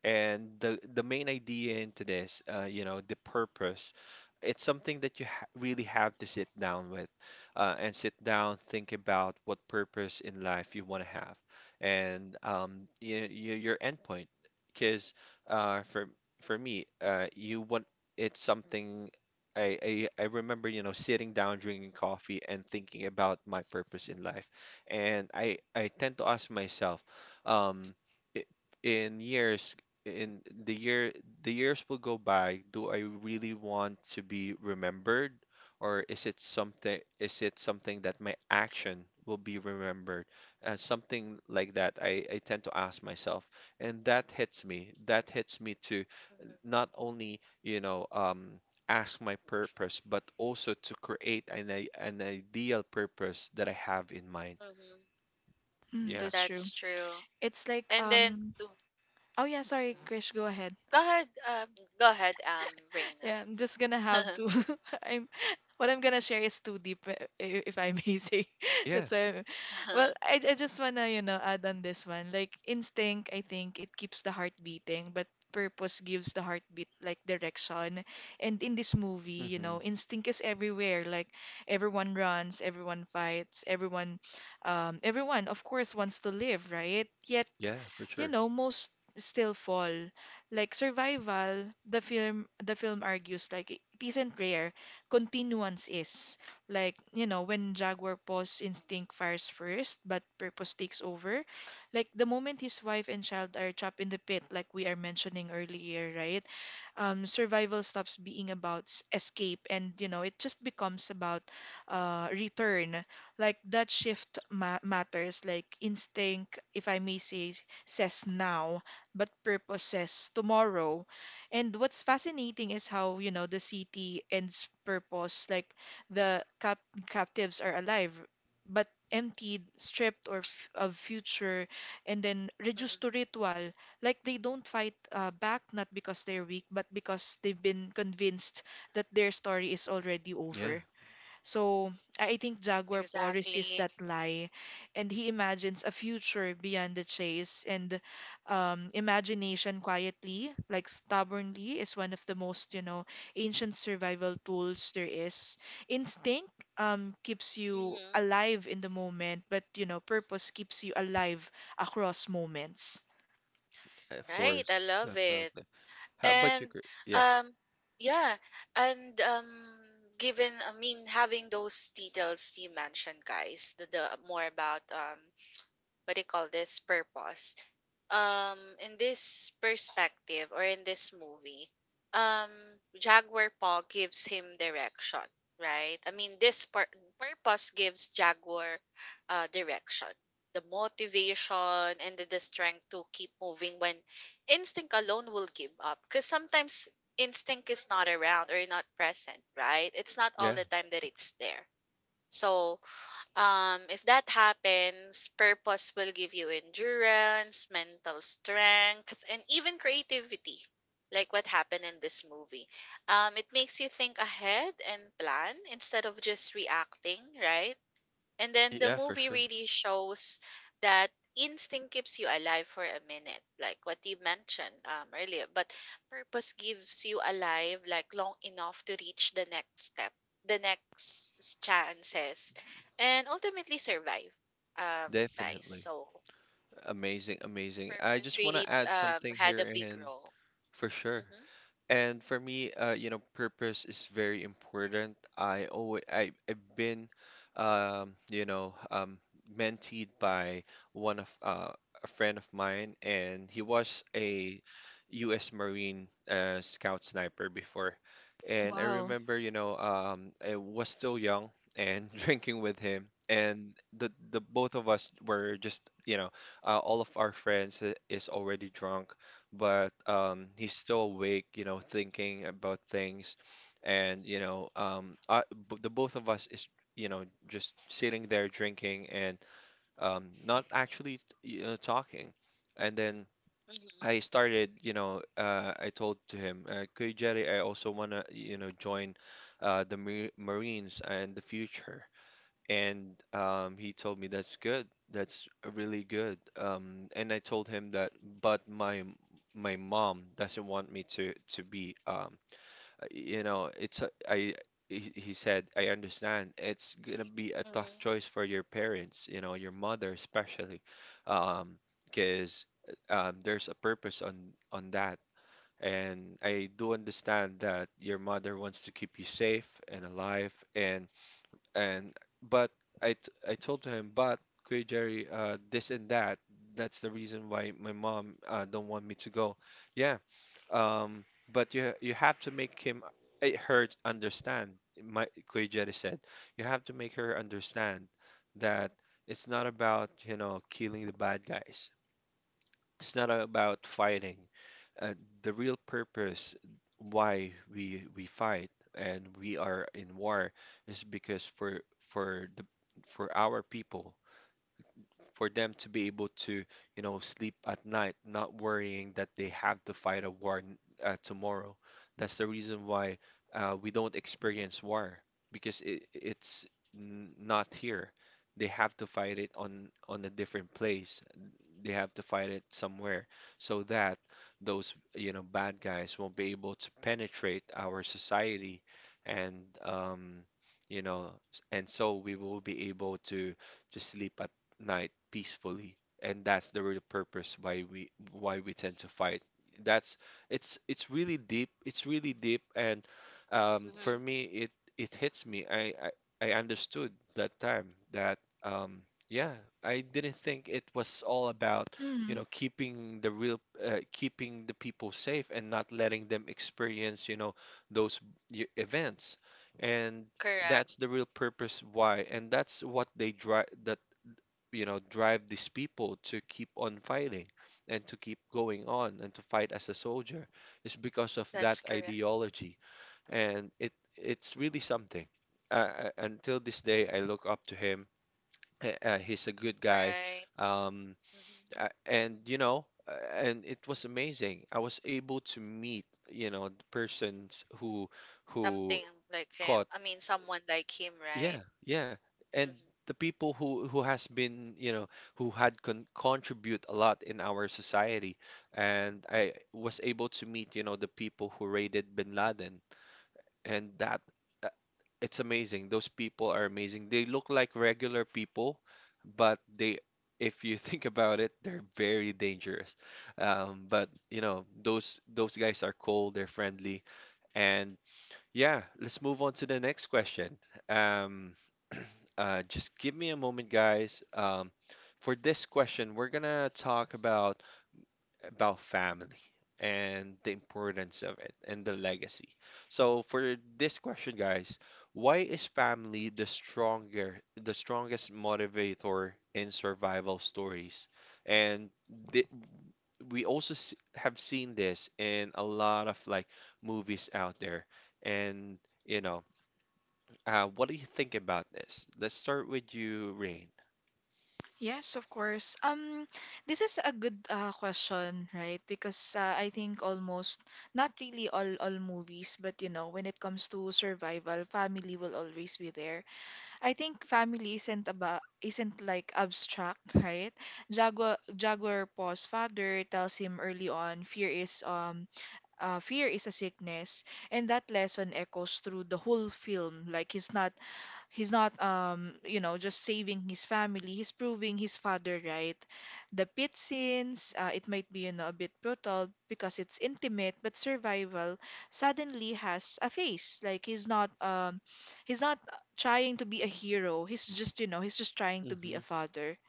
Speaker 1: And the main idea into this, you know, the purpose, it's something that you ha really have to sit down with, and sit down, think about what purpose in life you want to have, and your endpoint. Because uh, for for me, you want it's something. I remember, you know, sitting down, drinking coffee, and thinking about my purpose in life. And I tend to ask myself, um, i- in years in the years will go by, do I really want to be remembered? Or is it something, is it something that my action will be remembered? Something like that I tend to ask myself. And that hits me. That hits me to not only, you know, ask my purpose, but also to create an, an ideal purpose that I have in mind.
Speaker 3: Mm-hmm.
Speaker 2: Mm,
Speaker 1: Yeah.
Speaker 2: that's true.
Speaker 3: That's true.
Speaker 2: It's like
Speaker 3: And then to.
Speaker 2: oh yeah, sorry,
Speaker 3: Mhm.
Speaker 2: Krish, go ahead.
Speaker 3: Go ahead, um, Go ahead, Reina.
Speaker 2: Yeah, I'm just gonna have
Speaker 3: [LAUGHS]
Speaker 2: to. [LAUGHS] I'm what I'm gonna share is too deep, if I may say. [LAUGHS]
Speaker 1: Yeah.
Speaker 2: That's why. I'm- Well, I just wanna add on this one. Like instinct, I think it keeps the heart beating, but purpose gives the heartbeat like direction. And in this movie,
Speaker 1: Hmm.
Speaker 2: instinct is everywhere. Like everyone runs, everyone fights, everyone of course wants to live, right? Yet,
Speaker 1: Yeah, for sure.
Speaker 2: most still fall. Like survival, the film argues like it isn't rare, continuance is. Like, when Jaguar Pa's instinct fires first, but purpose takes over. Like the moment his wife and child are trapped in the pit, like we are mentioning earlier, right? Survival stops being about escape and it just becomes about return, like that shift matters. Like instinct, if I may say, says now, but purpose says tomorrow. And what's fascinating is how, the city ends purpose. Like the captives are alive but emptied, stripped of future, and then
Speaker 3: Mhm,
Speaker 2: reduced to ritual. Like they don't fight back, not because they're weak, but because they've been convinced that their story is already
Speaker 1: Yeah.
Speaker 2: over. So I think Jaguar Paw resists
Speaker 3: exactly.
Speaker 2: that lie, and he imagines a future beyond the chase. And imagination, quietly, like stubbornly, is one of the most, ancient survival tools there is. Instinct keeps you
Speaker 3: Hmm.
Speaker 2: alive in the moment, but purpose keeps you alive across moments.
Speaker 1: Of
Speaker 3: Right, I
Speaker 1: course,
Speaker 3: love it.
Speaker 1: definitely. How about you?
Speaker 3: And
Speaker 1: Gre- Yeah,
Speaker 3: um yeah, and Given I mean having those details you mentioned guys, the more about what do you call this purpose um in this perspective or in this movie, um Jaguar Paw gives him direction, right? I mean purpose gives Jaguar direction, the motivation and the strength to keep moving when instinct alone will give up, because sometimes instinct is not around or not present, right? It's not all
Speaker 1: yeah,
Speaker 3: the time that it's there. So if that happens, purpose will give you endurance, mental strength, and even creativity, like what happened in this movie. It makes you think ahead and plan instead of just reacting, right? And then the
Speaker 1: yeah, for
Speaker 3: movie
Speaker 1: sure.
Speaker 3: really shows that instinct keeps you alive for a minute, like what you mentioned earlier. But purpose gives you alive, like long enough to reach the next step, the next chances, and ultimately survive. Guys,
Speaker 1: Definitely.
Speaker 3: so
Speaker 1: Amazing, amazing. I
Speaker 3: purpose
Speaker 1: just want
Speaker 3: really
Speaker 1: to add something
Speaker 3: had
Speaker 1: here,
Speaker 3: a big
Speaker 1: and
Speaker 3: role.
Speaker 1: for sure.
Speaker 3: Mm-hmm.
Speaker 1: And for me, you know, purpose is very important. I, I've been, um, you know, um, mentored by one of a friend of mine, and he was a U.S. Marine scout sniper before. And I
Speaker 2: Wow.
Speaker 1: remember, you know, I was still young and [LAUGHS] drinking with him, and the both of us were just, you know, all of our friends is already drunk, but he's still awake, you know, thinking about things. And, you know, the both of us is, you know, just sitting there drinking and not actually, you know, talking. And then
Speaker 3: Mm-hmm.
Speaker 1: I started, you know, I told to him, "Kuya Jerry, I also want to, you know, join the Marines in the future. And he told me that's good. That's really good. And I told him that, but my mom doesn't want me to be you know, it's a, I he said, I understand. It's gonna be a tough
Speaker 3: Mm-hmm.
Speaker 1: choice for your parents, you know, your mother especially, um, because there's a purpose on that. And I do understand that your mother wants to keep you safe and alive and but I told him, but Kuya Jerry, this and that. That's the reason why my mom don't want me to go. Yeah, um, but you have to make him eh, her understand. My Kuya Jerry said, you have to make her understand that it's not about, you know, killing the bad guys. It's not about fighting. Uh, the real purpose why we fight and we are in war is because for the for our people, for them to be able to, you know, sleep at night, not worrying that they have to fight a war tomorrow. That's the reason why we don't experience war because it's not here. They have to fight it on a different place. They have to fight it somewhere so that those, you know, bad guys won't be able to penetrate our society and you know, and so we will be able to sleep at night peacefully. And that's the real purpose why we tend to fight. That's it's it's really deep. And for
Speaker 3: Mm-hmm.
Speaker 1: me it it hits me. I I understood that time that yeah, I didn't think it was all about, you
Speaker 2: Mm,
Speaker 1: know, keeping the real keeping the people safe and not letting them experience, you know, those events. And
Speaker 3: Correct.
Speaker 1: that's the real purpose why, and that's what they drive, you know, drive these people to keep on fighting and to keep going on and to fight as a soldier is because of that
Speaker 3: That's correct.
Speaker 1: ideology. And it it's really something. Until this day, I look up to him. He's a good guy.
Speaker 3: Right.
Speaker 1: Um,
Speaker 3: Mm-hmm.
Speaker 1: and you know, and it was amazing. I was able to meet, you know, the persons who
Speaker 3: Something like him.
Speaker 1: caught
Speaker 3: I mean, someone like him, right?
Speaker 1: yeah, yeah. And
Speaker 3: Mhm.
Speaker 1: the people who has been, you know, who had contribute a lot in our society. And I was able to meet, you know, the people who raided Bin Laden. And that, uh, it's amazing. Those people are amazing. They look like regular people, but they if you [LAUGHS] think about it, they're very dangerous. But you know, those guys are cool, they're friendly. And yeah, let's move on to the next question. Um just give me a moment, guys. For this question, we're gonna talk about family and the importance of it and the legacy. So for this question, guys, why is family the strongest motivator in survival stories? And the, we also s have seen this in a lot of like movies out there, and you know. What do you think about this? Let's start with you, Rain.
Speaker 2: yes, of course. This is a good question, right? Because I think almost not really all movies, but when it comes to survival, family will always be there. I think family isn't about isn't like abstract, right? Jaguar Pa's father tells him early on, fear is a sickness, and that lesson echoes through the whole film. Like he's not, just saving his family. He's proving his father right. The pit scenes, it might be, a bit brutal because it's intimate, but survival suddenly has a face. Like he's not trying to be a hero. He's just, he's just trying to be
Speaker 1: Hmm.
Speaker 2: a father.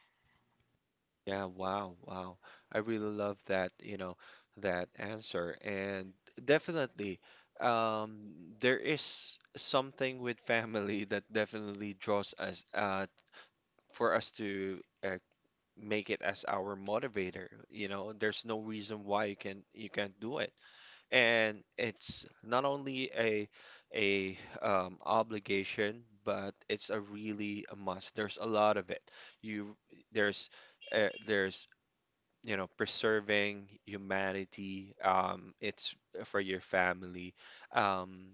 Speaker 1: Yeah, wow, wow. I really love that, you know, that answer. And definitely, there is something with family that definitely draws us for us to make it as our motivator. You know, there's no reason why you can you can't do it. And it's not only a obligation, but it's a really a must. There's a lot of it. You there's there's, you know, preserving humanity. Um, it's for your family. Um,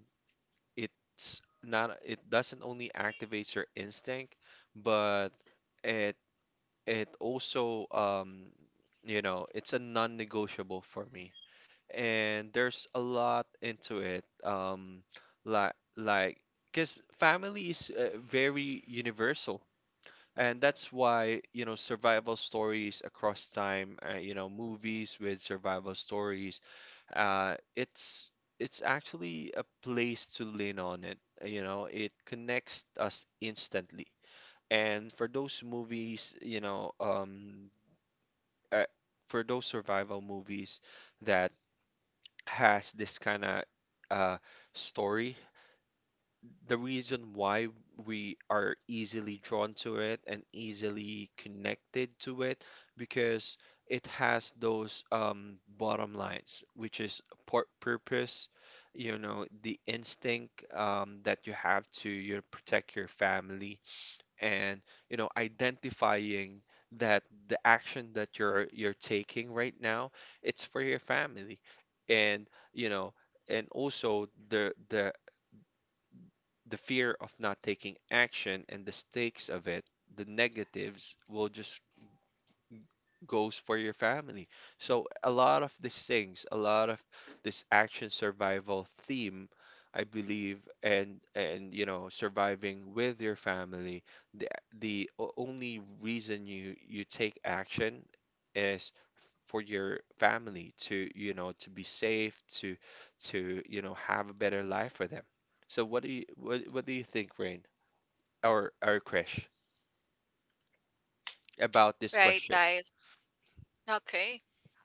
Speaker 1: it's not, it doesn't only activates your instinct, but it it also, um, you know, it's a non-negotiable for me, and there's a lot into it. Like, because family is very universal, and that's why, you know, survival stories across time, you know, movies with survival stories, uh, it's it's actually a place to lean on it. You know, it connects us instantly. And for those movies, you know, uh, for those survival movies that has this kind of uh, story. The reason why we are easily drawn to it and easily connected to it, because it has those bottom lines, which is purpose, you know, the instinct, that you have to, you know, protect your family, and you know identifying that the action that you're taking right now, it's for your family, and you know, and also the fear of not taking action and the stakes of it, the negatives will just goes for your family. So a lot of these things, a lot of this action survival theme, I believe, and you know, surviving with your family, the only reason you take action is for your family to, you know, to be safe, to, you know, have a better life for them. So what do you what do you think, Rain or Krish, about this
Speaker 3: Right,
Speaker 1: question?
Speaker 3: guys. Okay.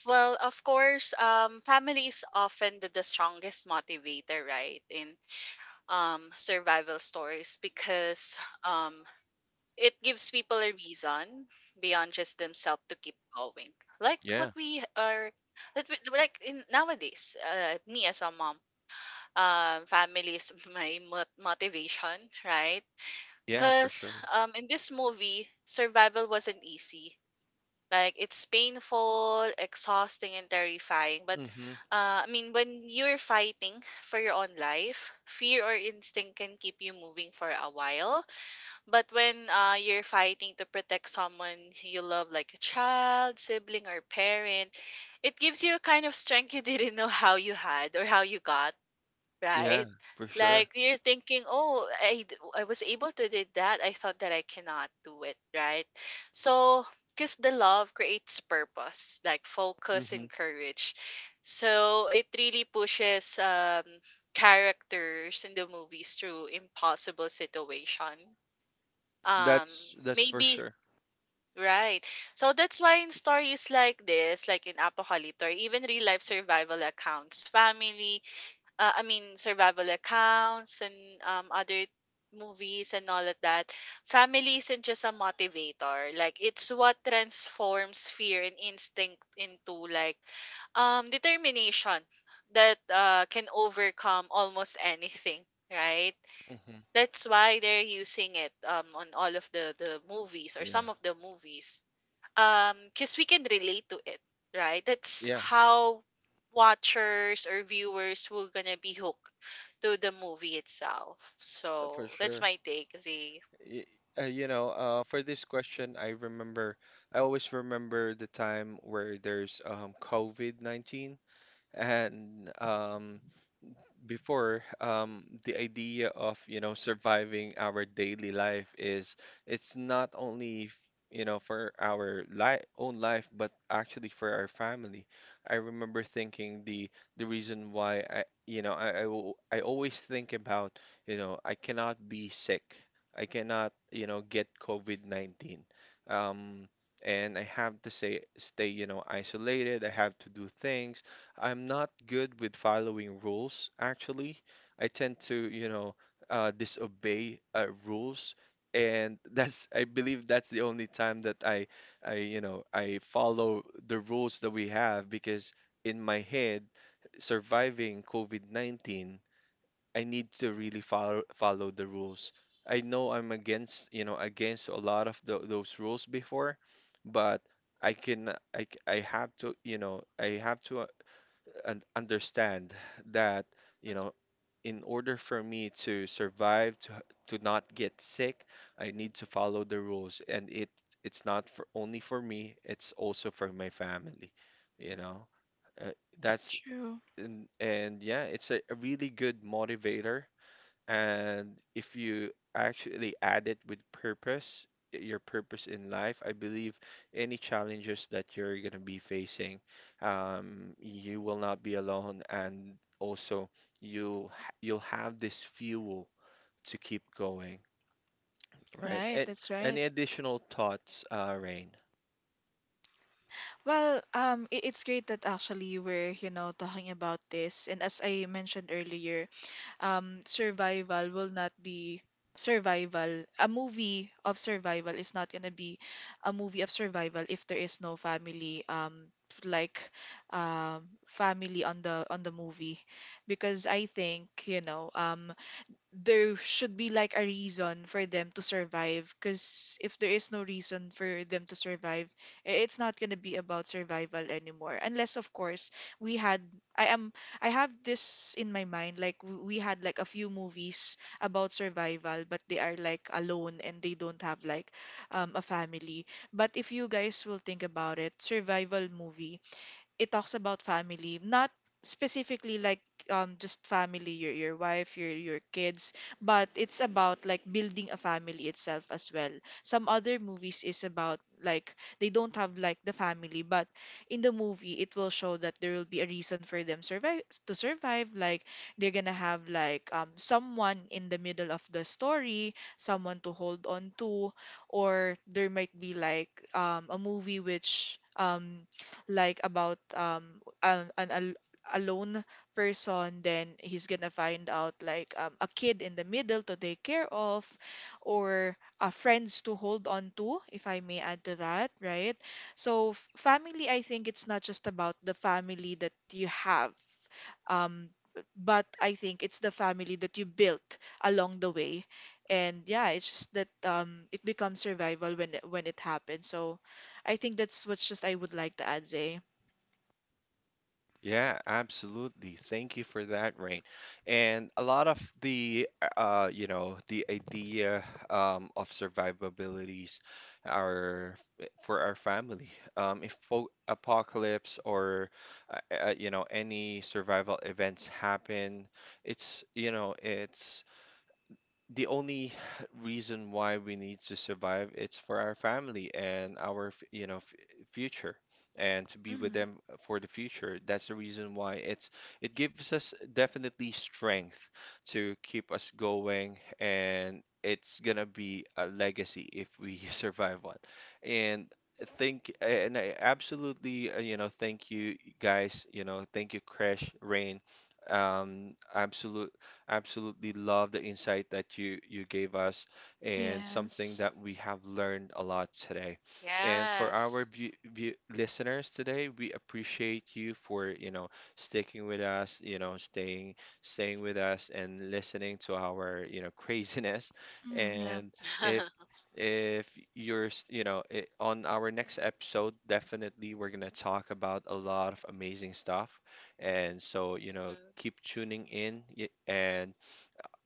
Speaker 3: Well, of course, family is often the strongest motivator, right, in survival stories because um, it gives people a reason beyond just themselves to keep going. Like what
Speaker 1: Yeah,
Speaker 3: we are, that we, like in nowadays, me as a mom, family is [LAUGHS] motivation, right?
Speaker 1: yeah, for
Speaker 3: Because
Speaker 1: sure.
Speaker 3: in this movie, survival wasn't easy. Like it's painful, exhausting, and terrifying. But I mean, when you're fighting for your own life, fear or instinct can keep you moving for a while. But when you're fighting to protect someone you love, like a child, sibling, or parent, it gives you a kind of strength you didn't know how you had or how you got,
Speaker 1: Yeah,
Speaker 3: right?
Speaker 1: for sure.
Speaker 3: Like you're thinking, oh, I was able to do that. I thought that I cannot do it, right? So, because the love creates purpose, like focus
Speaker 1: Hmm.
Speaker 3: and courage. So it really pushes characters in the movies through impossible situation. Um,
Speaker 1: That's for
Speaker 3: maybe
Speaker 1: sure.
Speaker 3: right. So that's why in stories like this, like in Apocalypto or even real life survival accounts, family I mean survival accounts and other movies and all of that, family isn't just a motivator. Like it's what transforms fear and instinct into like determination that can overcome almost [LAUGHS] anything. Right.
Speaker 1: Hmm.
Speaker 3: That's why they're using it on all of the movies or
Speaker 1: Yeah,
Speaker 3: some of the movies because we can relate to it, right? That's
Speaker 1: yeah,
Speaker 3: how watchers or viewers will gonna be hooked to the movie itself.
Speaker 1: for
Speaker 3: So that's
Speaker 1: sure.
Speaker 3: my take, Z.
Speaker 1: Y- you know, for this question, I remember, I always remember the time where there's COVID-19, and before the idea of, you know, surviving our daily life is, it's not only you know, for our li own life, but actually for our family. I remember thinking the reason why i, you know, I always think about, you know, I cannot be sick, I cannot, you know, get COVID-19, um, and I have to say stay, you know, isolated. I have to do things. I'm not good with following rules, actually. I tend to, you know, disobey rules, and [LAUGHS] that's, I believe that's the only time that you know, I follow the rules that we have, because in my head, surviving COVID-19, I need to really follow the rules. I know I'm against, you know, against a lot of those rules before, but I can I have to, you know, I have to and understand that, you
Speaker 3: Mhm.
Speaker 1: know, in order for me to survive to not get sick, I need to follow the rules, and it it's not for only for me, it's also for my family, you know, uh, that's,
Speaker 2: True.
Speaker 1: and yeah, it's a really good motivator. And if you actually add it with purpose, your purpose in life, I believe any challenges that you're going to be facing, you will not be alone, and also you you'll have this fuel to keep going, right?
Speaker 2: Right,
Speaker 1: And
Speaker 2: that's right.
Speaker 1: any additional thoughts, Rain?
Speaker 2: Well, it's great that actually we're, talking about this. And as I mentioned earlier, survival will not be survival. A movie of survival is not gonna be a movie of survival if there is no family, like family on the movie, because I think there should be like a reason for them to survive, because if there is no reason for them to survive it's not going to be about survival anymore, unless of course we had i am I have this in my mind, like we had like a few movies about survival but they are like alone and they don't have like a family. But if you guys will think about it, survival movie, it talks about family, not specifically like just family, your wife, your kids, but it's about like building a family itself as well. Some other movies is about like they don't have like the family, but in the movie it will show that there will be a reason for them survive. Like they're gonna have like someone in the middle of the story, someone to hold on to, or there might be like a movie which like about an al- alone person, then he's gonna find out like a kid in the middle to take care of, or friends to hold on to, if I may add to that, right? So family, I think, it's not just about the family that you have, um but I think it's the family that you built along the way. And yeah, it's just that it becomes survival when when it happens. So I think that's what's just I would like to add, Zay.
Speaker 1: Yeah, absolutely. Thank you for that, Rain. And a lot of the, you know, the idea of survivabilities are for our family. If fo apocalypse or, you know, any survival events happen, it's, you know, it's the only reason why we need to survive, it's for our family and our you know, f future, and to be with
Speaker 2: Mhm.
Speaker 1: them for the future. That's the reason why it's it gives us definitely strength to keep us going, and it's gonna be a legacy if we [LAUGHS] survive one. And think, and I absolutely you know, thank you guys, you know, thank you Crash, Rain, um absolute absolutely love the insight that you gave us, and something
Speaker 2: Yes.
Speaker 1: that we have learned a lot today. And for our
Speaker 3: Yes.
Speaker 1: view, listeners today, we appreciate you for, you know, sticking with us, you know, staying with us and listening to our, you know, [LAUGHS] craziness.
Speaker 2: Mm, yeah.
Speaker 1: And if
Speaker 3: [LAUGHS]
Speaker 1: if you're, you know, on our next episode, definitely we're going to talk about a lot of amazing stuff, and so, you know,
Speaker 3: Mhm.
Speaker 1: keep tuning in. And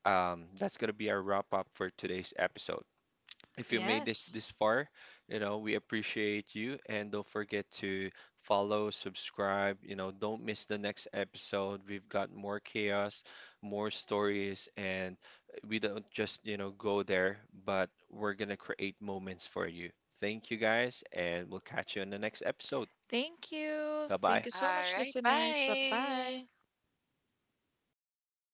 Speaker 1: that's going to be our wrap up for today's episode. If you made
Speaker 2: Yes.
Speaker 1: this far, you know, we appreciate you. And don't forget to follow, subscribe. You know, don't miss the next episode. We've got more chaos, more stories, and we don't just, you know, go there, but we're going to create moments for you. Thank you guys, and we'll catch you in the next episode.
Speaker 2: Thank you.
Speaker 1: Bye
Speaker 2: Thank
Speaker 1: bye.
Speaker 2: you
Speaker 3: All
Speaker 2: so much,
Speaker 3: right.
Speaker 2: listeners. Bye bye.
Speaker 3: Bye.